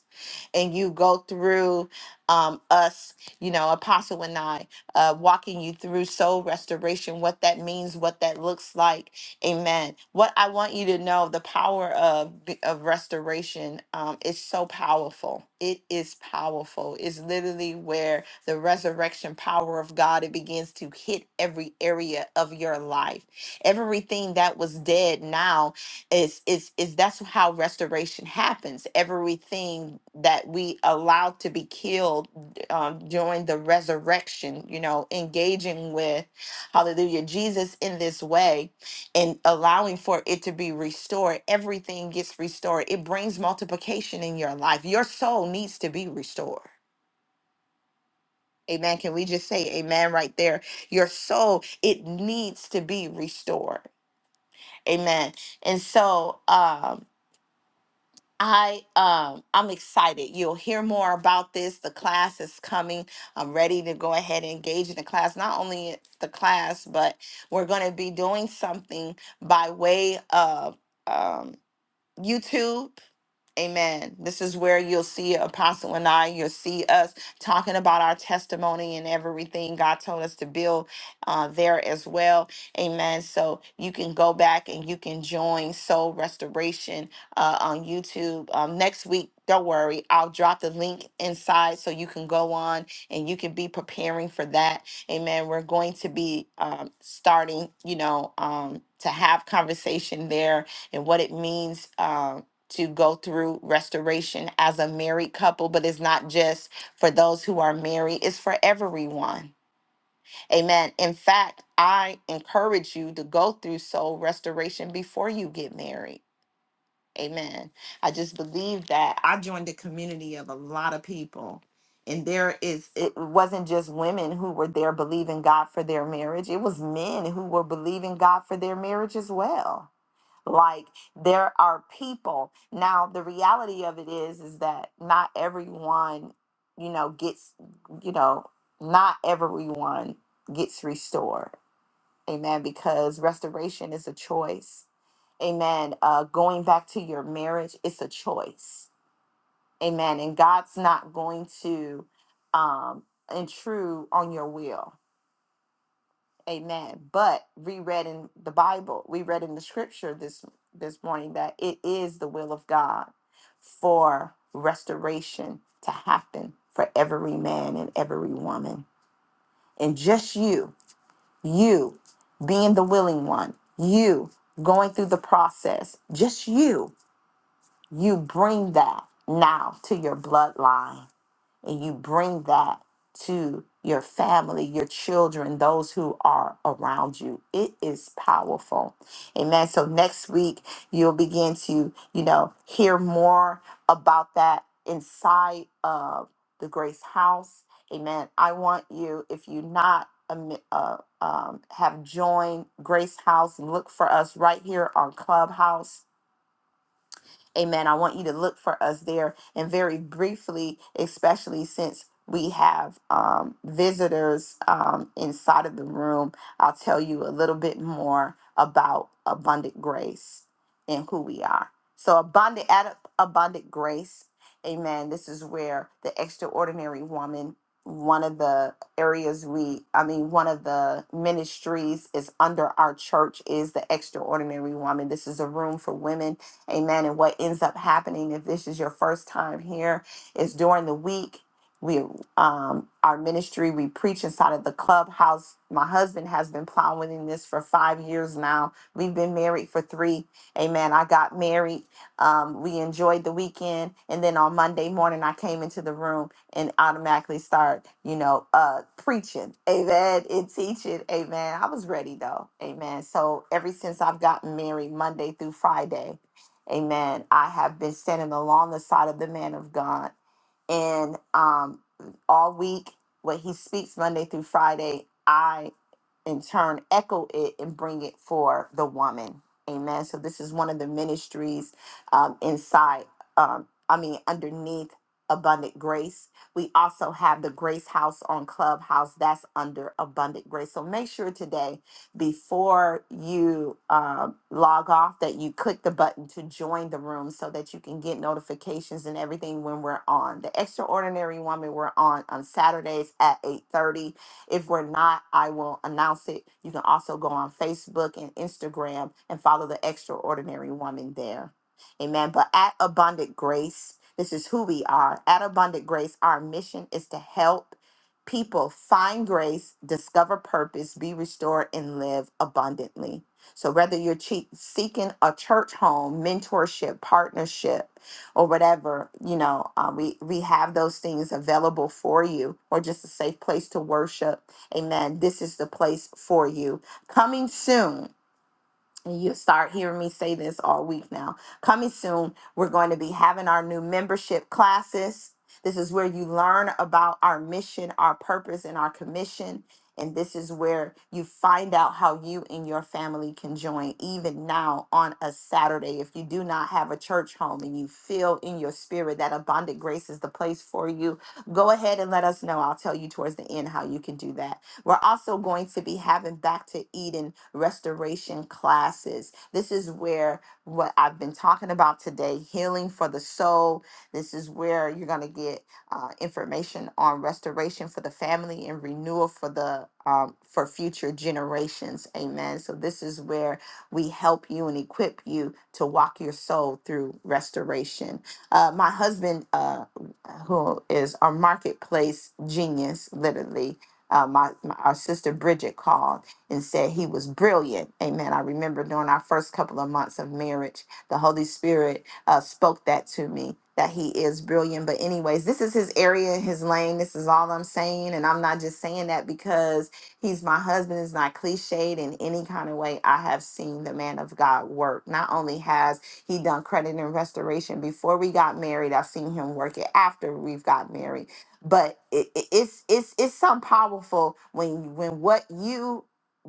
Speaker 1: and you go through um, us, you know, Apostle and I, uh, walking you through soul restoration, what that means, what that looks like. Amen. What I want you to know the power of, b- of restoration um, is so powerful. It is powerful. It's literally where the resurrection power of God it begins to hit every area of your life. Everything that was dead now is is is that's how restoration happens everything that we allow to be killed um, during the resurrection you know engaging with hallelujah jesus in this way and allowing for it to be restored everything gets restored it brings multiplication in your life your soul needs to be restored amen can we just say amen right there your soul it needs to be restored amen and so um I um I'm excited. You'll hear more about this. The class is coming. I'm ready to go ahead and engage in the class. Not only the class, but we're going to be doing something by way of um YouTube. Amen. This is where you'll see Apostle and I, you'll see us talking about our testimony and everything God told us to build uh, there as well. Amen. So you can go back and you can join Soul Restoration uh, on YouTube um, next week. Don't worry, I'll drop the link inside so you can go on and you can be preparing for that. Amen. We're going to be um, starting, you know, um, to have conversation there and what it means. Um, to go through restoration as a married couple, but it's not just for those who are married, it's for everyone. Amen. In fact, I encourage you to go through soul restoration before you get married. Amen. I just believe that I joined a community of a lot of people. And there is, it wasn't just women who were there believing God for their marriage. It was men who were believing God for their marriage as well like there are people now the reality of it is is that not everyone you know gets you know not everyone gets restored amen because restoration is a choice amen uh going back to your marriage it's a choice amen and god's not going to um intrude on your will Amen. But we read in the Bible, we read in the scripture this this morning that it is the will of God for restoration to happen for every man and every woman. And just you, you being the willing one, you going through the process, just you, you bring that now to your bloodline and you bring that to your family, your children, those who are around you. It is powerful. Amen. So next week, you'll begin to, you know, hear more about that inside of the Grace House. Amen. I want you, if you not um, uh, um, have joined Grace House, look for us right here on Clubhouse Amen. I want you to look for us there and very briefly, especially since we have um, visitors um, inside of the room, I'll tell you a little bit more about abundant grace and who we are. So, abundant, at abundant grace, amen. This is where the extraordinary woman, one of the areas we, I mean, one of the ministries is under our church is the extraordinary woman. This is a room for women Amen. And what ends up happening if this is your first time here is during the week. We, um, our ministry, we preach inside of the clubhouse. My husband has been plowing in this for five years now. We've been married for three. Amen. I got married. Um, we enjoyed the weekend, and then on Monday morning, I came into the room and automatically start, you know, uh, preaching. Amen. And teaching. Amen. I was ready though. Amen. So ever since I've gotten married, Monday through Friday. Amen. I have been standing along the side of the man of God. And um, all week, when he speaks Monday through Friday, I in turn echo it and bring it for the woman. Amen. So this is one of the ministries um, inside, um, I mean, underneath Abundant Grace. We also have the Grace House on Clubhouse. That's under Abundant Grace. So make sure today, before you um log off, that you click the button to join the room so that you can get notifications and everything when we're on. The Extraordinary Woman, we're on on Saturdays at 8:30 if we're not, I will announce it. You can also go on Facebook and Instagram and follow the extraordinary woman there. Amen. But at Abundant Grace, this is who we are. At Abundant Grace, our mission is to help people find grace, discover purpose, be restored, and live abundantly. So, whether you're che- seeking a church home, mentorship, partnership, or whatever, you know, uh, we, we have those things available for you or just a safe place to worship. Amen. This is the place for you. Coming soon and you start hearing me say this all week now. Coming soon, we're going to be having our new membership classes. This is where you learn about our mission, our purpose, and our commission. And this is where you find out how you and your family can join, even now on a Saturday. If you do not have a church home and you feel in your spirit that abundant grace is the place for you, go ahead and let us know. I'll tell you towards the end how you can do that. We're also going to be having Back to Eden restoration classes. This is where what I've been talking about today healing for the soul. This is where you're going to get uh, information on restoration for the family and renewal for the um, for future generations amen so this is where we help you and equip you to walk your soul through restoration uh, my husband uh, who is a marketplace genius literally uh, my, my our sister Bridget called and said he was brilliant. Amen. I remember during our first couple of months of marriage, the Holy Spirit uh, spoke that to me that he is brilliant. But anyways, this is his area, his lane. This is all I'm saying, and I'm not just saying that because he's my husband. It's not cliched in any kind of way. I have seen the man of God work. Not only has he done credit and restoration before we got married, I've seen him work it after we've got married but it, it- it's it's it's something powerful when when what you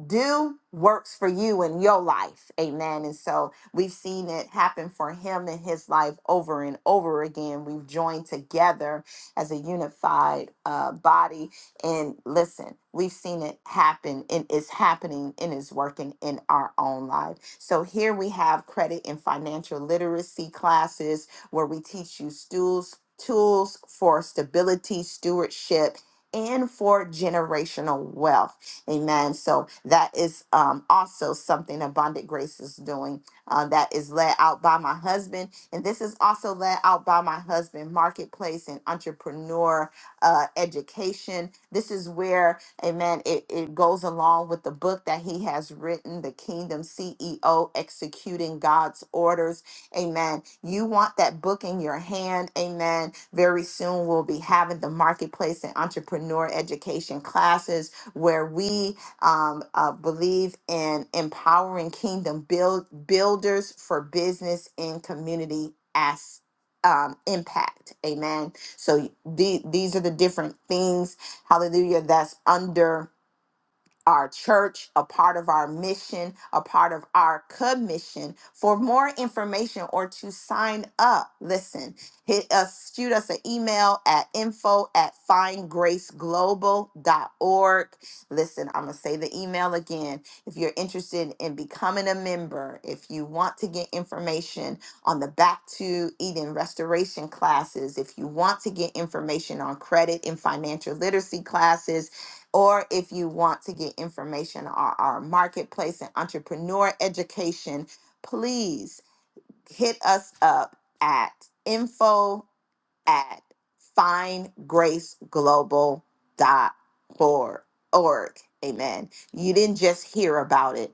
Speaker 1: do works for you in your life amen and so we've seen it happen for him in his life over and over again we've joined together as a unified uh, body and listen we've seen it happen and it's happening and it's working in our own life so here we have credit and financial literacy classes where we teach you tools, tools for stability, stewardship, and for generational wealth. Amen. So that is um, also something Abundant Grace is doing uh, that is led out by my husband. And this is also led out by my husband, Marketplace and Entrepreneur uh, Education. This is where, amen, it, it goes along with the book that he has written, The Kingdom CEO Executing God's Orders Amen. You want that book in your hand. Amen. Very soon we'll be having the marketplace and entrepreneur education classes where we um, uh, believe in empowering kingdom build builders for business and community as um, impact. Amen. So the, these are the different things. Hallelujah. That's under our church, a part of our mission, a part of our commission. For more information or to sign up, listen, hit us, shoot us an email at info at findgraceglobal.org. Listen, I'm going to say the email again. If you're interested in becoming a member, if you want to get information on the Back to Eden restoration classes, if you want to get information on credit and financial literacy classes, or if you want to get information on our marketplace and entrepreneur education, please hit us up at info at findgraceglobal.org. Amen. You didn't just hear about it.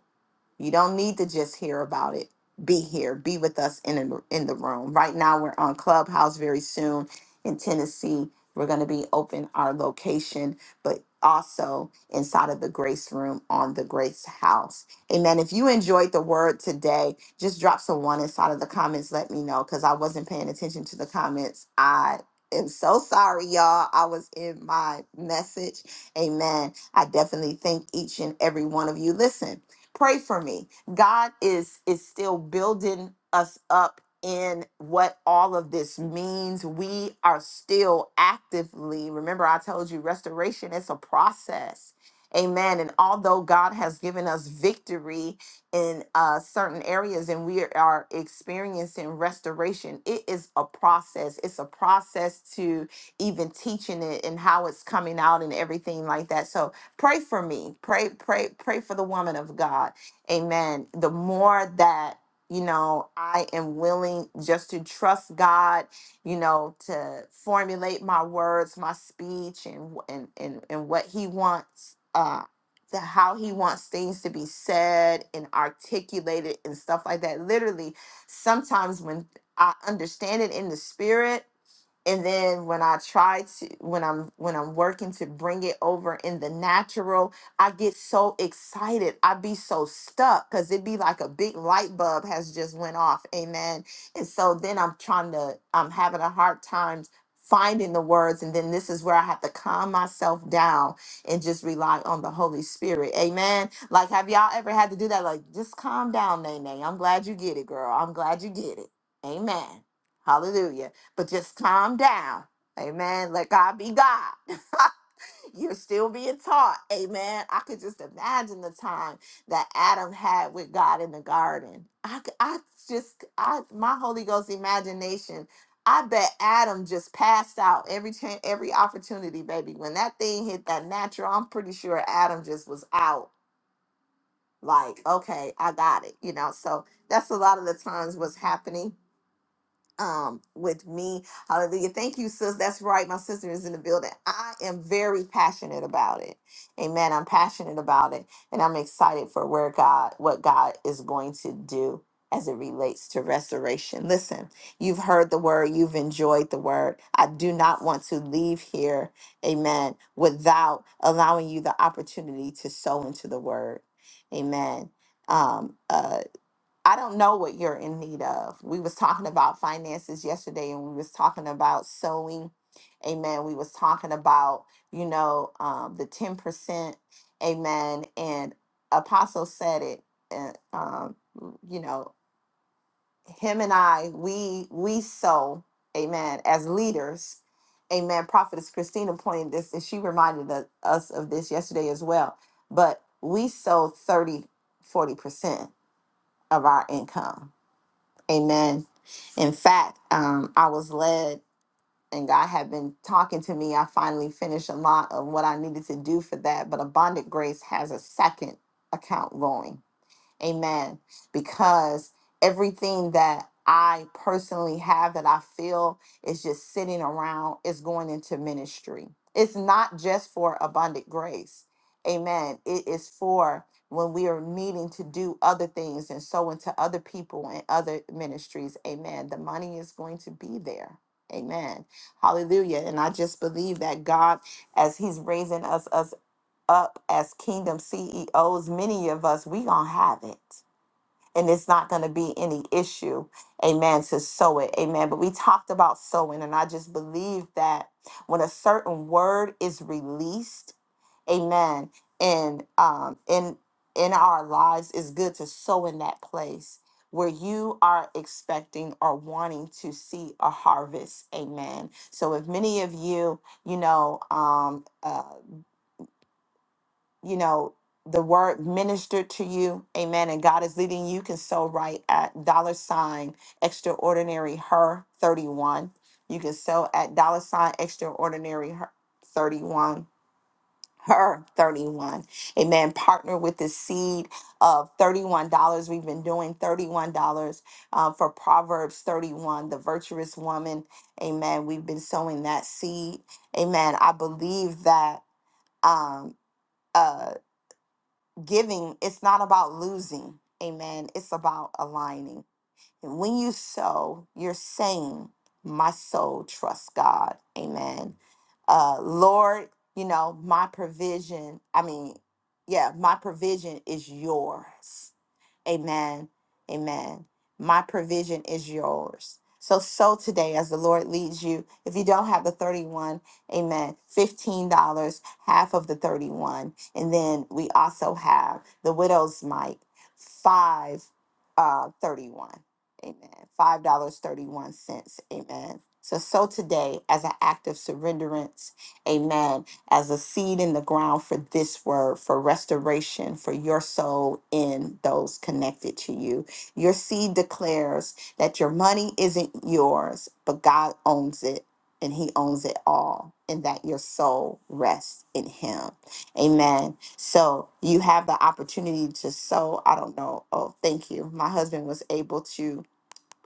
Speaker 1: You don't need to just hear about it. Be here. Be with us in the, in the room. Right now, we're on Clubhouse. Very soon in Tennessee, we're going to be open our location, but also inside of the Grace Room on the Grace House. Amen. If you enjoyed the word today, just drop someone inside of the comments. Let me know because I wasn't paying attention to the comments. I am so sorry, y'all. I was in my message. Amen. I definitely thank each and every one of you. Listen. Pray for me. God is is still building us up in what all of this means. We are still actively. Remember I told you restoration is a process. Amen. And although God has given us victory in uh, certain areas and we are experiencing restoration, it is a process. It's a process to even teaching it and how it's coming out and everything like that. So Pray for me. Pray, pray, pray for the woman of God. Amen. The more that, you know, I am willing just to trust God, you know, to formulate my words, my speech, and and and, and what He wants. Uh, the how he wants things to be said and articulated and stuff like that. Literally, sometimes when I understand it in the spirit, and then when i try to when i'm when i'm working to bring it over in the natural i get so excited i be so stuck because it be like a big light bulb has just went off amen and so then i'm trying to i'm having a hard time finding the words and then this is where i have to calm myself down and just rely on the holy spirit amen like have y'all ever had to do that like just calm down nene i'm glad you get it girl i'm glad you get it amen Hallelujah but just calm down. Amen. Let God be God. <laughs> You're still being taught. Amen. I could just imagine the time that Adam had with God in the garden. I, c- I just, I, my Holy Ghost imagination. I bet Adam just passed out every chance, every opportunity, baby. When that thing hit that natural, I'm pretty sure Adam just was out. Like, okay, I got it. You know. So that's a lot of the times what's happening um with me. Hallelujah. Thank you, sis. That's right. My sister is in the building. I am very passionate about it. Amen. I'm passionate about it. And I'm excited for where God, what God is going to do as it relates to restoration. Listen, you've heard the word, you've enjoyed the word. I do not want to leave here, amen, without allowing you the opportunity to sow into the word. Amen. Um, uh I don't know what you're in need of. We was talking about finances yesterday and we was talking about sewing. Amen. We was talking about, you know, um, the 10%. Amen. And Apostle said it, and, um, you know, him and I, we, we sow, amen, as leaders. Amen. Prophetess Christina pointed this and she reminded us us of this yesterday as well. But we sow thirty, forty percent of our income Amen. In fact, um, I was led, and God had been talking to me. I finally finished a lot of what I needed to do for that. But Abundant Grace has a second account going. Amen. Because everything that I personally have that I feel is just sitting around is going into ministry. It's not just for abundant grace. Amen. It is for when we are needing to do other things and sow into other people and other ministries. Amen. The money is going to be there. Amen. Hallelujah. And I just believe that God, as He's raising us, us up as kingdom CEOs, many of us, we gonna have it. And it's not gonna be any issue, amen, to sow it. Amen. But we talked about sowing, and I just believe that when a certain word is released, amen, and um in in our lives, it's good to sow in that place where you are expecting or wanting to see a harvest. Amen. So if many of you, you know, um uh you know, the word ministered to you, amen, and God is leading you, you can sow right at dollar sign extraordinary her 31. You can sow at dollar sign extraordinary her 31. Her 31. Amen. Partner with the seed of $31. We've been doing $31 uh, for Proverbs 31, the virtuous woman. Amen. We've been sowing that seed. Amen. I believe that um, uh, giving it's not about losing amen it's about aligning and when you sow you're saying my soul trusts god amen uh lord you know my provision i mean yeah my provision is yours Amen. Amen. My provision is yours. So so today as the Lord leads you. If you don't have the 31, amen, $15, half of the 31. And then we also have the widow's mite, 5 uh 31. Amen. $5.31. Amen. So so today as an act of surrenderance. Amen as a seed in the ground for this word, for restoration for your soul in those connected to you. Your seed declares that your money isn't yours, but God owns it and He owns it all, and that your soul rests in Him. Amen. So you have the opportunity to sow. I don't know. Oh, thank you. My husband was able to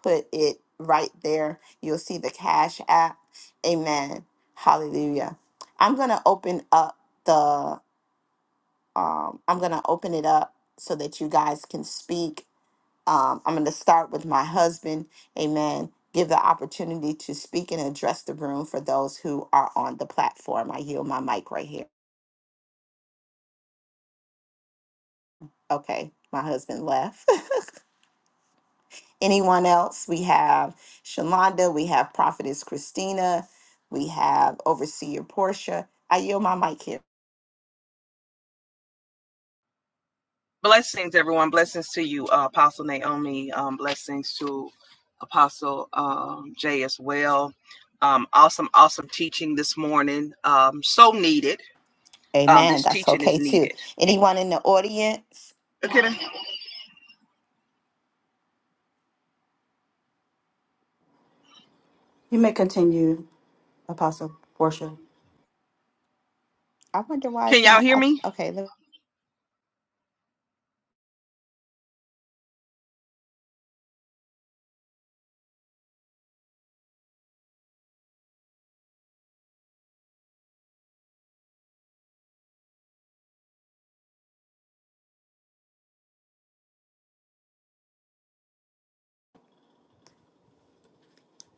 Speaker 1: put it right there. You'll see the Cash App. Amen. Hallelujah. I'm going to open up the, um, I'm going to open it up so that you guys can speak. Um, I'm going to start with my husband. Amen. Give the opportunity to speak and address the room for those who are on the platform. I yield my mic right here. Okay. My husband left. <laughs> anyone else? We have Shalonda, we have Prophetess Christina, we have Overseer Portia. I yield my mic here.
Speaker 2: Blessings, everyone. Blessings to you, uh, Apostle Naomi. Um, blessings to Apostle um, Jay as well. Um, awesome, awesome teaching this morning. Um, so needed. Um,
Speaker 1: Amen.
Speaker 2: this
Speaker 1: That's
Speaker 2: teaching is
Speaker 1: okay too.
Speaker 2: needed.
Speaker 1: Anyone in the audience?
Speaker 2: Okay.
Speaker 3: You may continue, Apostle Portia.
Speaker 1: I wonder why it's
Speaker 2: Can y'all
Speaker 1: not.
Speaker 2: hear
Speaker 1: I,
Speaker 2: me?
Speaker 1: okay, let,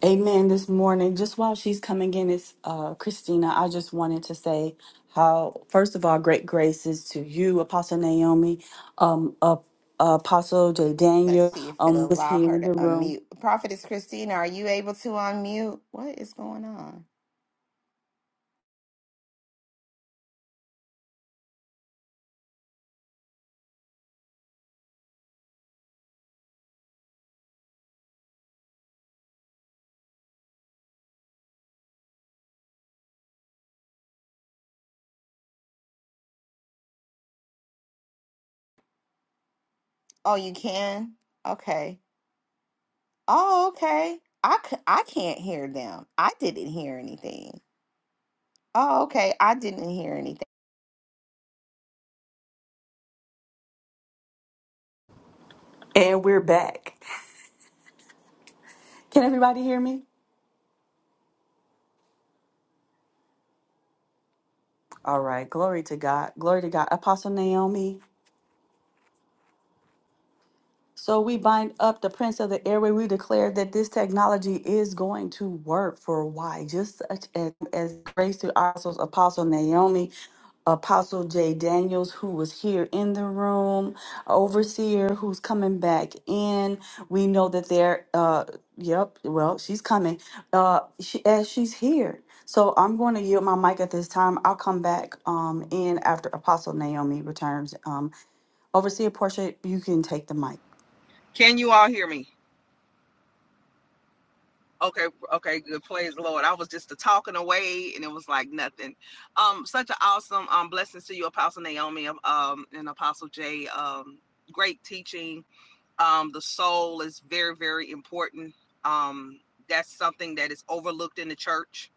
Speaker 3: Amen. This morning, just while she's coming in, it's uh, Christina. I just wanted to say how, first of all, great graces to you, Apostle Naomi, um, uh, Apostle J.
Speaker 1: let's
Speaker 3: Daniel
Speaker 1: see if it'll
Speaker 3: um, was
Speaker 1: allow
Speaker 3: here
Speaker 1: her
Speaker 3: in
Speaker 1: to
Speaker 3: the room.
Speaker 1: unmute. Prophetess Christina, are you able to unmute? What is going on? Oh, you can? Okay. Oh, okay. I, c- I can't hear them. I didn't hear anything. Oh, okay. I didn't hear anything.
Speaker 3: And we're back. Can everybody hear me? All right. Glory to God. Glory to God. Apostle Naomi, So we bind up the prince of the airway. We declare that this technology is going to work for why, just as, as grace to our apostles, Apostle Naomi, Apostle J. Daniels, who was here in the room, Overseer, who's coming back in. We know that they're, uh, yep, well, she's coming uh, she, as she's here. So I'm going to yield my mic at this time. I'll come back um, in after Apostle Naomi returns. Um, Overseer Portia, you can take the mic.
Speaker 2: Can you all hear me? Okay, okay, good. Praise the Lord. I was just talking away and it was like nothing. Um, such an awesome um blessings to you, Apostle Naomi um and Apostle Jay. Um, great teaching Um, the soul is very, very important. Um, that's something that is overlooked in the church.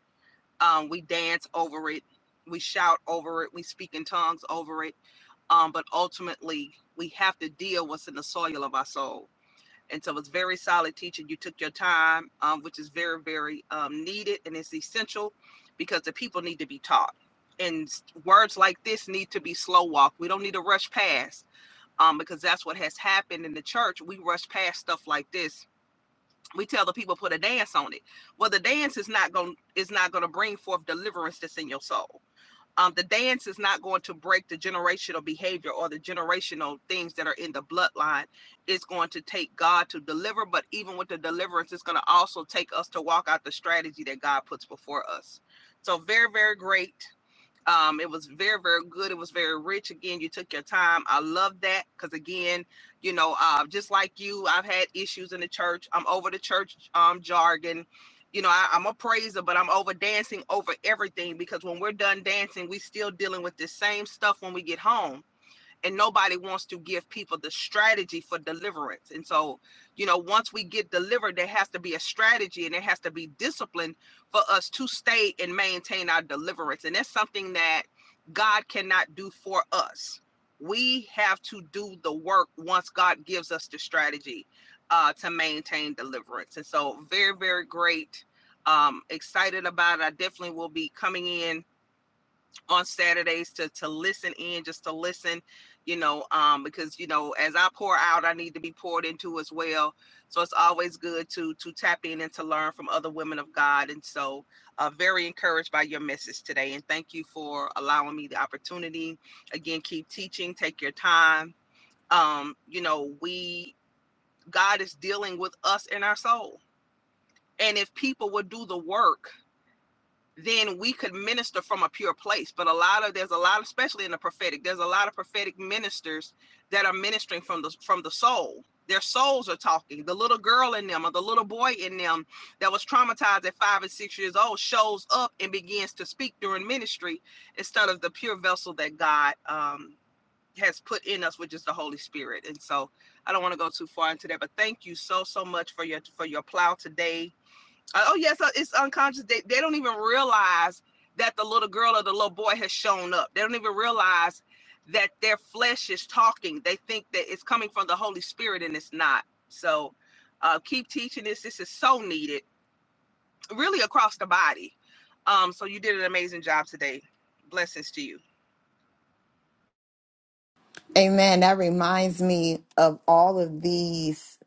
Speaker 2: Um, we dance over it, we shout over it, we speak in tongues over it. Um, but ultimately, we have to deal what's in the soil of our soul. And so it's very solid teaching. You took your time, um, which is very, very um, needed and it's essential because the people need to be taught. And words like this need to be slow walk. We don't need to rush past um, because that's what has happened in the church. We rush past stuff like this. We tell the people put a dance on it. Well, the dance is not going is not going to bring forth deliverance that's in your soul. Um, the dance is not going to break the generational behavior or the generational things that are in the bloodline. It's going to take God to deliver, but even with the deliverance, it's going to also take us to walk out the strategy that God puts before us. So very, very great um, it was very, very good. It was very rich. Again, you took your time. I love that because again, you know, uh, just like you, I've had issues in the church. I'm over the church um, jargon. You know, I, I'm a praiser, but I'm over dancing over everything because when we're done dancing, we still dealing with the same stuff when we get home and nobody wants to give people the strategy for deliverance. And so, you know, once we get delivered, there has to be a strategy and there has to be discipline for us to stay and maintain our deliverance. And that's something that God cannot do for us. We have to do the work once God gives us the strategy uh, to maintain deliverance. And so, very, very great. Um, excited about it. I definitely will be coming in on Saturdays to to listen in, just to listen, you know, um, because you know, as I pour out, I need to be poured into as well. So it's always good to to tap in and to learn from other women of God. And so, uh, very encouraged by your message today, and thank you for allowing me the opportunity. Again, keep teaching, take your time. Um, you know, we God is dealing with us in our soul, and if people would do the work then we could minister from a pure place. But a lot of there's a lot, especially in the prophetic, there's a lot of prophetic ministers that are ministering from the from the soul. Their souls are talking. The little girl in them or the little boy in them that was traumatized at five and six years old shows up and begins to speak during ministry instead of the pure vessel that God um, has put in us, which is the Holy Spirit. And so I don't want to go too far into that, but thank you so so much for your for your plow today uh, oh yes, uh, it's unconscious. They they don't even realize that the little girl or the little boy has shown up. They don't even realize that their flesh is talking. They think that it's coming from the Holy Spirit and it's not. So uh, keep teaching this. This is so needed, really across the body. Um, so you did an amazing job today. Blessings to you.
Speaker 1: Amen. That reminds me of all of these.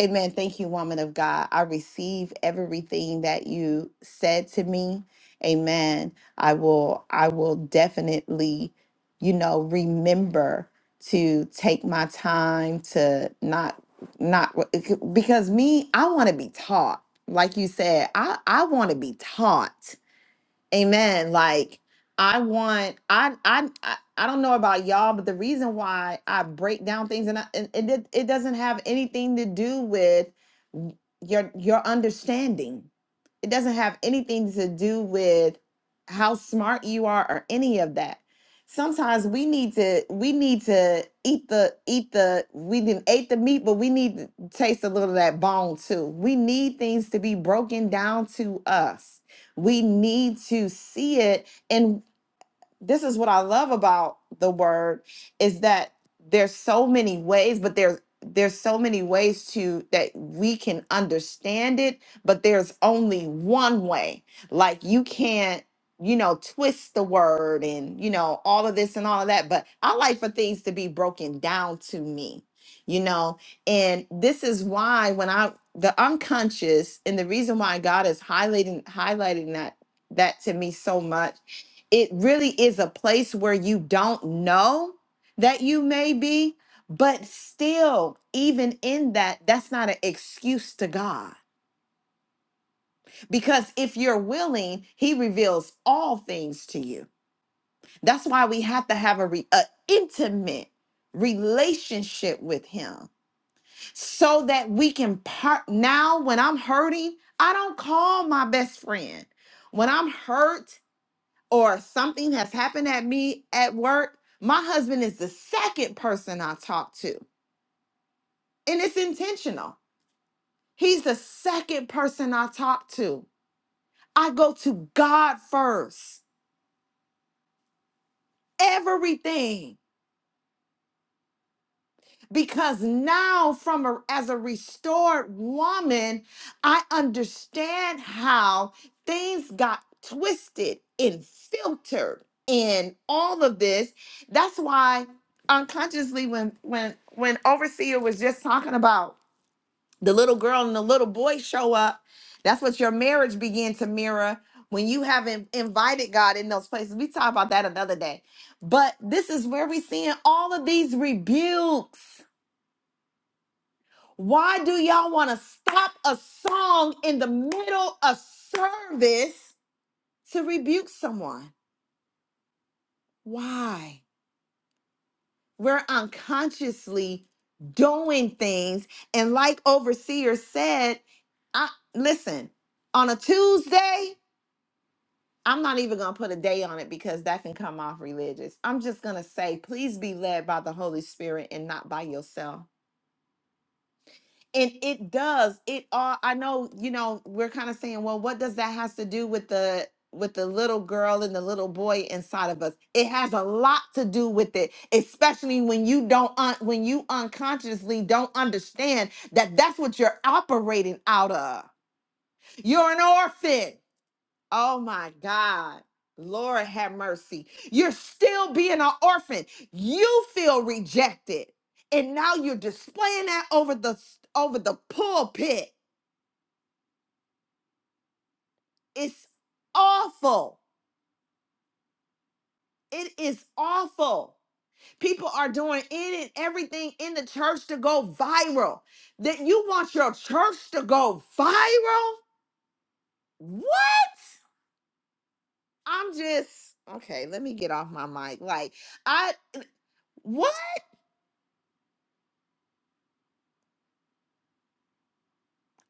Speaker 1: Amen. Thank you, woman of God. I receive everything that you said to me. Amen. I will I will definitely, you know, remember to take my time to not not because me, I want to be taught. Like you said, I I want to be taught. Amen. Like I want I I I I don't know about y'all, but the reason why I break down things and, I, and it it doesn't have anything to do with your your understanding it doesn't have anything to do with how smart you are or any of that sometimes we need to we need to eat the eat the we didn't ate the meat but we need to taste a little of that bone too we need things to be broken down to us we need to see it and this is what I love about the word is that there's so many ways, but there's there's so many ways to that we can understand it, but there's only one way. Like you can't, you know, twist the word and you know all of this and all of that. But I like for things to be broken down to me, you know, and this is why when I the unconscious and the reason why God is highlighting highlighting that that to me so much it really is a place where you don't know that you may be, but still, even in that, that's not an excuse to God. Because if you're willing, He reveals all things to you. That's why we have to have a, re- a intimate relationship with Him, so that we can part. Now, when I'm hurting, I don't call my best friend. When I'm hurt, or something has happened at me at work, my husband is the second person I talk to. And it's intentional. He's the second person I talk to. I go to God first. Everything. because now from a, as a restored woman i understand how things got twisted and filtered in all of this that's why unconsciously when when when overseer was just talking about the little girl and the little boy show up that's what your marriage began to mirror when you haven't invited god in those places we talk about that another day but this is where we're seeing all of these rebukes why do y'all want to stop a song in the middle of service to rebuke someone? Why? We're unconsciously doing things. And like Overseer said, I listen, on a Tuesday, I'm not even going to put a day on it because that can come off religious. I'm just going to say, please be led by the Holy Spirit and not by yourself and it does it all i know you know we're kind of saying well what does that has to do with the with the little girl and the little boy inside of us it has a lot to do with it especially when you don't un- when you unconsciously don't understand that that's what you're operating out of you're an orphan Oh my God. Lord have mercy. You're still being an orphan. You feel rejected. And now you're displaying that over the over the pulpit. It's awful. It is awful. People are doing in and everything in the church to go viral. That you want your church to go viral? What? I'm just okay, let me get off my mic. Like I what?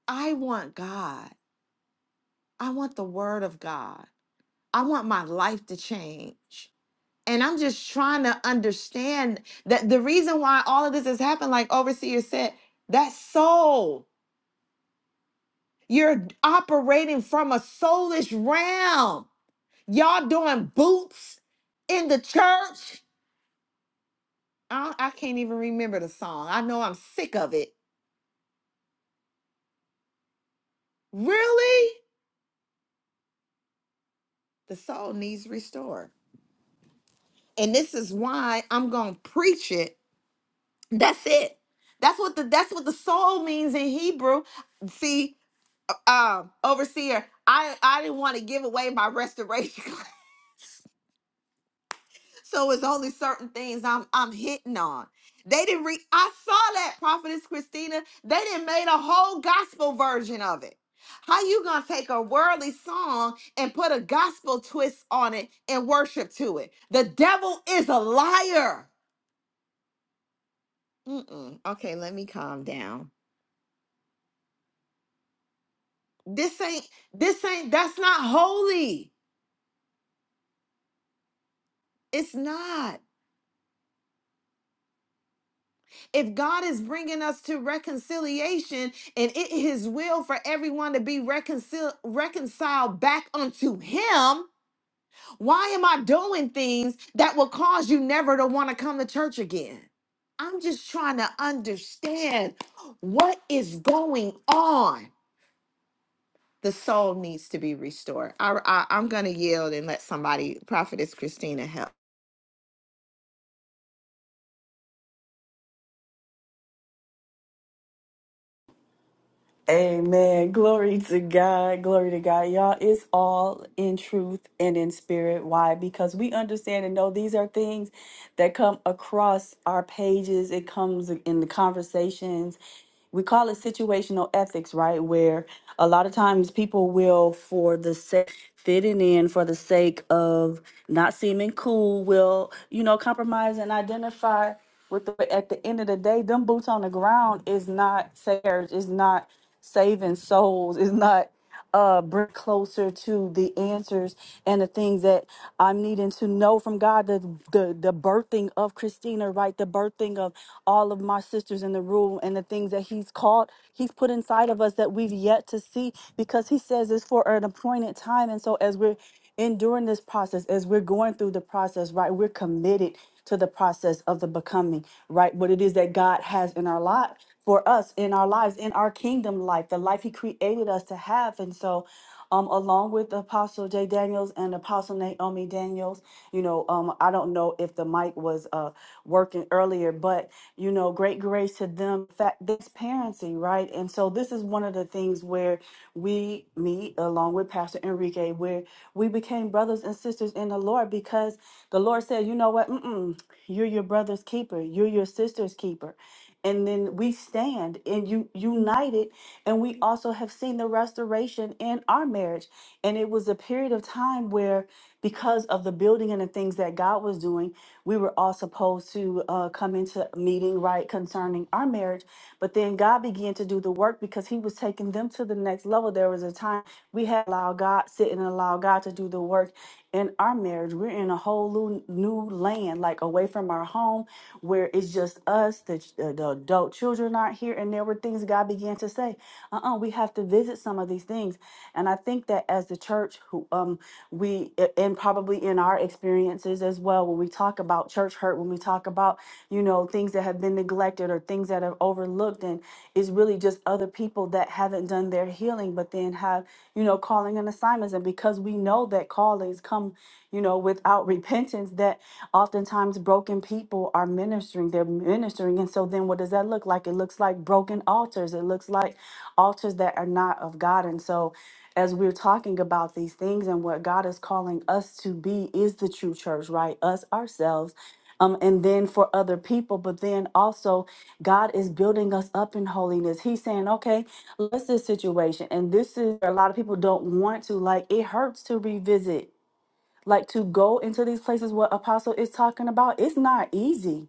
Speaker 1: I want God. I want the word of God. I want my life to change. And I'm just trying to understand that the reason why all of this has happened, like Overseer said, that soul, you're operating from a soulish realm. Y'all doing boots in the church. I, I can't even remember the song. I know I'm sick of it. Really? The soul needs restored. And this is why I'm going to preach it That's it. That's what the that's what the soul means in Hebrew. See, um, overseer, I I didn't want to give away my restoration, <laughs> class, so it's only certain things I'm I'm hitting on. They didn't read. I saw that prophetess Christina. They didn't made a whole gospel version of it. How you gonna take a worldly song and put a gospel twist on it and worship to it? The devil is a liar. Mm-mm. Okay, let me calm down. This ain't, this ain't, that's not holy. It's not. If God is bringing us to reconciliation and it his will for everyone to be reconcil- reconciled back unto him, why am I doing things that will cause you never to want to come to church again? I'm just trying to understand what is going on. The soul needs to be restored. I, I, I'm going to yield and let somebody, Prophetess Christina, help.
Speaker 3: Amen. Glory to God. Glory to God. Y'all, it's all in truth and in spirit. Why? Because we understand and know these are things that come across our pages. It comes in the conversations. We call it situational ethics, right? Where a lot of times people will, for the sake fitting in, for the sake of not seeming cool, will, you know, compromise and identify with the at the end of the day, them boots on the ground is not fair. Is not saving souls is not uh bring closer to the answers and the things that I'm needing to know from God the the the birthing of Christina right the birthing of all of my sisters in the room and the things that he's called he's put inside of us that we've yet to see because he says it's for an appointed time and so as we're enduring this process as we're going through the process right we're committed to the process of the becoming right what it is that God has in our life for us in our lives, in our kingdom life, the life He created us to have. And so, um, along with Apostle Jay Daniels and Apostle Naomi Daniels, you know, um, I don't know if the mic was uh, working earlier, but you know, great grace to them. Fact, transparency, right? And so, this is one of the things where we meet along with Pastor Enrique, where we became brothers and sisters in the Lord because the Lord said, you know what? Mm-mm, you're your brother's keeper. You're your sister's keeper and then we stand and you united and we also have seen the restoration in our marriage and it was a period of time where because of the building and the things that god was doing we were all supposed to uh, come into a meeting right concerning our marriage but then god began to do the work because he was taking them to the next level there was a time we had have allow God, sit and allow God to do the work in our marriage. We're in a whole new, new land, like away from our home, where it's just us, the, uh, the adult children aren't here. And there were things God began to say, uh-uh, we have to visit some of these things. And I think that as the church, who um, we, and probably in our experiences as well, when we talk about church church hurt when we talk about, you know, things that have been neglected or things that are overlooked. And it's really just other people that haven't done their healing, but then have, you know, calling and assignments. And because we know that callings come, you know, without repentance, that oftentimes broken people are ministering, they're ministering. And so then what does that look like? It looks like broken altars, it looks like altars that are not of God. And so as we're talking about these things and what God is calling us to be is the true church, right? Us ourselves um, and then for other people. But then also, God is building us up in holiness. He's saying, okay, let's this situation. And this is a lot of people don't want to, like, it hurts to revisit, like, to go into these places what Apostle is talking about. It's not easy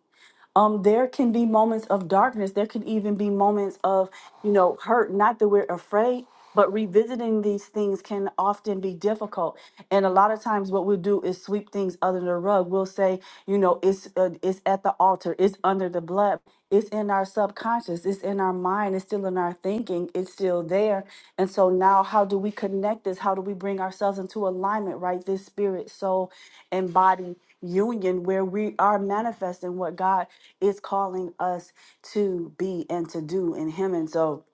Speaker 3: um, there can be moments of darkness. There can even be moments of, you know, hurt. Not that we're afraid, but revisiting these things can often be difficult. And a lot of times, what we'll do is sweep things under the rug. We'll say, you know, it's uh, it's at the altar. It's under the blood. It's in our subconscious. It's in our mind. It's still in our thinking. It's still there. And so now, how do we connect this? How do we bring ourselves into alignment? Right, this spirit, soul, and body union where we are manifesting what God is calling us to be and to do in Him. And so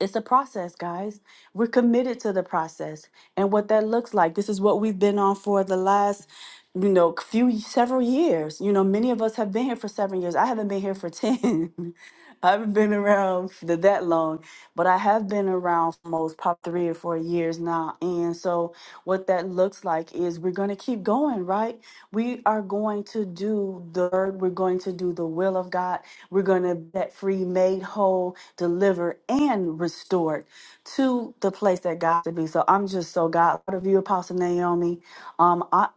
Speaker 3: it's a process, guys. We're committed to the process and what that looks like. This is what we've been on for the last, you know, few several years. You know, many of us have been here for seven years. I haven't been here for 10. <laughs> I haven't been around for that long, but I have been around for most pop three or four years now. And so, what that looks like is we're going to keep going, right? We are going to do the word, we're going to do the will of God, we're going to get free, made whole, delivered, and restored to the place that God should be. So, I'm just so God proud of you, Apostle Naomi. Um, I,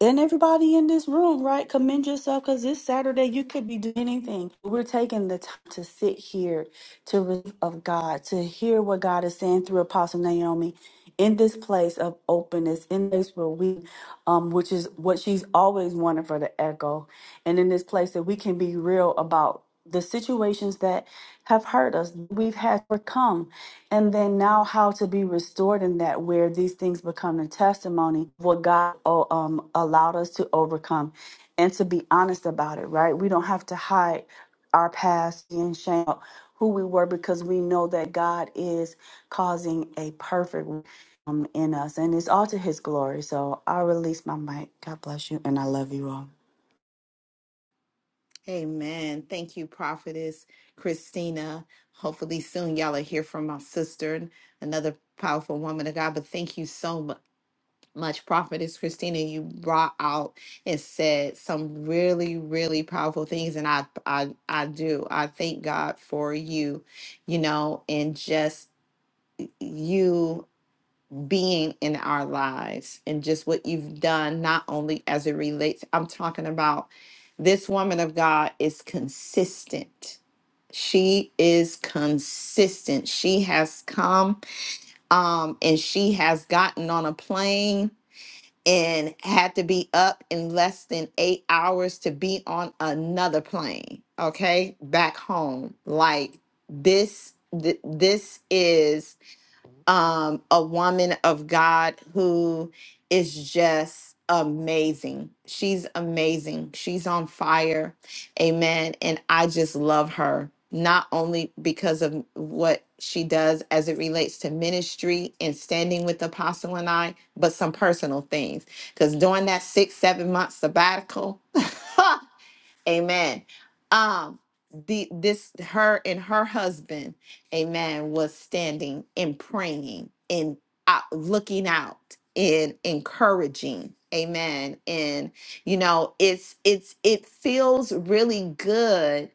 Speaker 3: and everybody in this room, right? Commend yourself because this Saturday. You could be doing anything. We're taking the time to sit here to receive of God, to hear what God is saying through Apostle Naomi in this place of openness, in this where we, um, which is what she's always wanted for the echo, and in this place that we can be real about the situations that have hurt us we've had to overcome and then now how to be restored in that where these things become a testimony of what god oh, um, allowed us to overcome and to be honest about it right we don't have to hide our past and shame of who we were because we know that god is causing a perfect um, in us and it's all to his glory so i release my mic god bless you and i love you all
Speaker 1: Amen. Thank you, Prophetess Christina. Hopefully, soon y'all are here from my sister, and another powerful woman of God. But thank you so mu- much, Prophetess Christina. You brought out and said some really, really powerful things, and I, I, I do. I thank God for you, you know, and just you being in our lives and just what you've done, not only as it relates, I'm talking about this woman of God is consistent. She is consistent. She has come um, and she has gotten on a plane and had to be up in less than eight hours to be on another plane, okay, back home. Like this, th- this is um, a woman of God who is just amazing. She's amazing. She's on fire. Amen. And I just love her, not only because of what she does as it relates to ministry and standing with Apostle and I, but some personal things. Because during that six, seven month sabbatical, <laughs> Amen. Um, the this her and her husband, amen, was standing and praying and out, looking out and encouraging. Amen. And you know, it's it's it feels really good.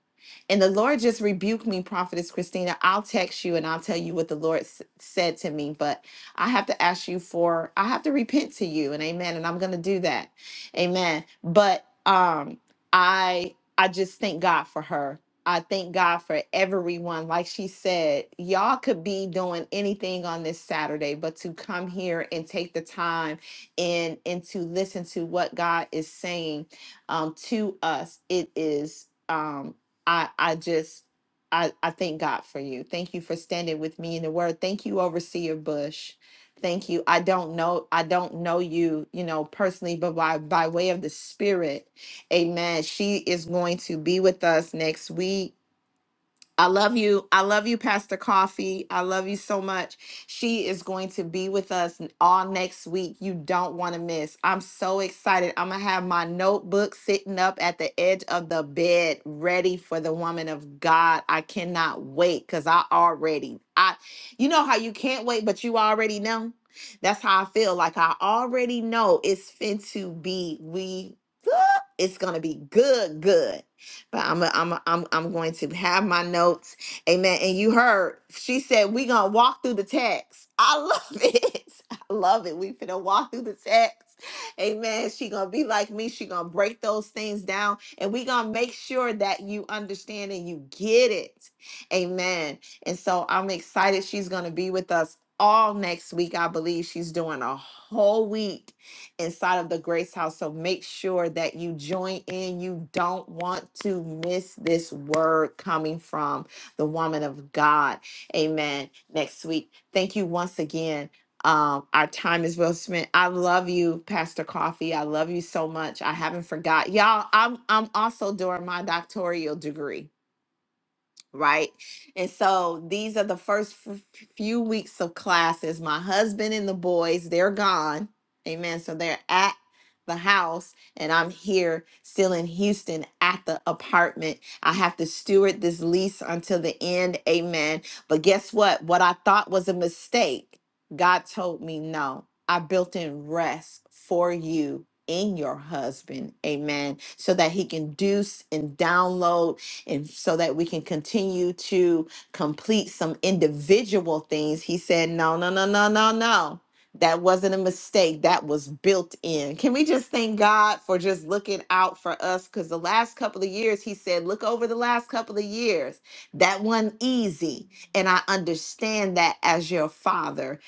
Speaker 1: And the Lord just rebuked me, Prophetess Christina. I'll text you and I'll tell you what the Lord s- said to me. But I have to ask you for, I have to repent to you, and amen. And I'm going to do that, amen. But um, I I just thank God for her. I thank God for everyone. Like she said, y'all could be doing anything on this Saturday, but to come here and take the time and and to listen to what God is saying um, to us, it is um, I I just I I thank God for you. Thank you for standing with me in the Word. Thank you, Overseer Bush. Thank you. I don't know I don't know you, you know, personally, but by by way of the Spirit Amen. She is going to be with us next week. I love you. I love you, Pastor Coffee. I love you so much. She is going to be with us n- all next week. You don't want to miss. I'm so excited. I'm going to have my notebook sitting up at the edge of the bed ready for the woman of God. I cannot wait cuz I already I you know how you can't wait but you already know. That's how I feel like I already know it's fin to be we <laughs> it's going to be good good. But I'm a, I'm a, I'm I'm going to have my notes. Amen. And you heard she said we gonna walk through the text. I love <laughs> it. I love it. We finna walk through the text. Amen. She gonna be like me. She gonna break those things down, and we gonna make sure that you understand and you get it. Amen. And so I'm excited. She's gonna be with us all next week. I believe she's doing a whole week inside of the Grace House. So make sure that you join in. You don't want to miss this word coming from the woman of God. Amen. Next week. Thank you once again. Um, our time is well spent. I love you, Pastor Coffee. I love you so much. I haven't forgot. Y'all, I'm I'm also doing my doctoral degree right? And so these are the first f- few weeks of classes. My husband and the boys, they're gone. Amen. So they're at the house, and I'm here still in Houston at the apartment. I have to steward this lease until the end. Amen. But guess what? What I thought was a mistake, God told me no. I built in rest for you in your husband. Amen. So that he can do s- and download and so that we can continue to complete some individual things. He said, No, no, no, no, no, no. That wasn't a mistake. That was built in. Can we just thank God for just looking out for us? Because the last couple of years, He said, Look over the last couple of years. That wasn't easy. And I understand that as your father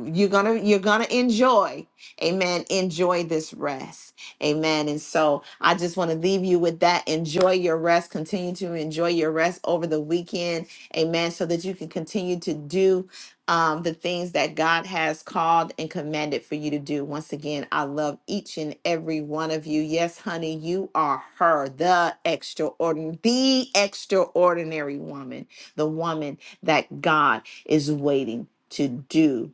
Speaker 1: you're gonna you're gonna enjoy amen enjoy this rest Amen. And so I just want to leave you with that. Enjoy your rest. Continue to enjoy your rest over the weekend. Amen. So that you can continue to do um, the things that God has called and commanded for you to do. Once again, I love each and every one of you. Yes, honey, you are her, the extraordinary, the extraordinary woman, the woman that God is waiting to do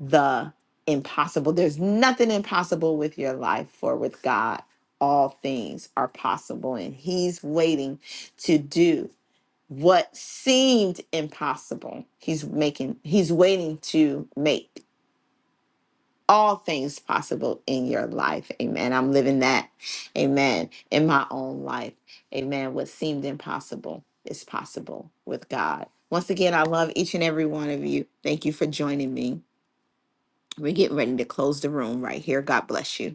Speaker 1: the impossible. There's nothing impossible with your life, for with God, all things are possible. And He's waiting to do what seemed impossible. He's making, He's waiting to make all things possible in your life. Amen. I'm living that. Amen. In my own life. Amen. What seemed impossible is possible with God. Once again, I love each and every one of you. Thank you for joining me. We're getting ready to close the room right here. God bless you.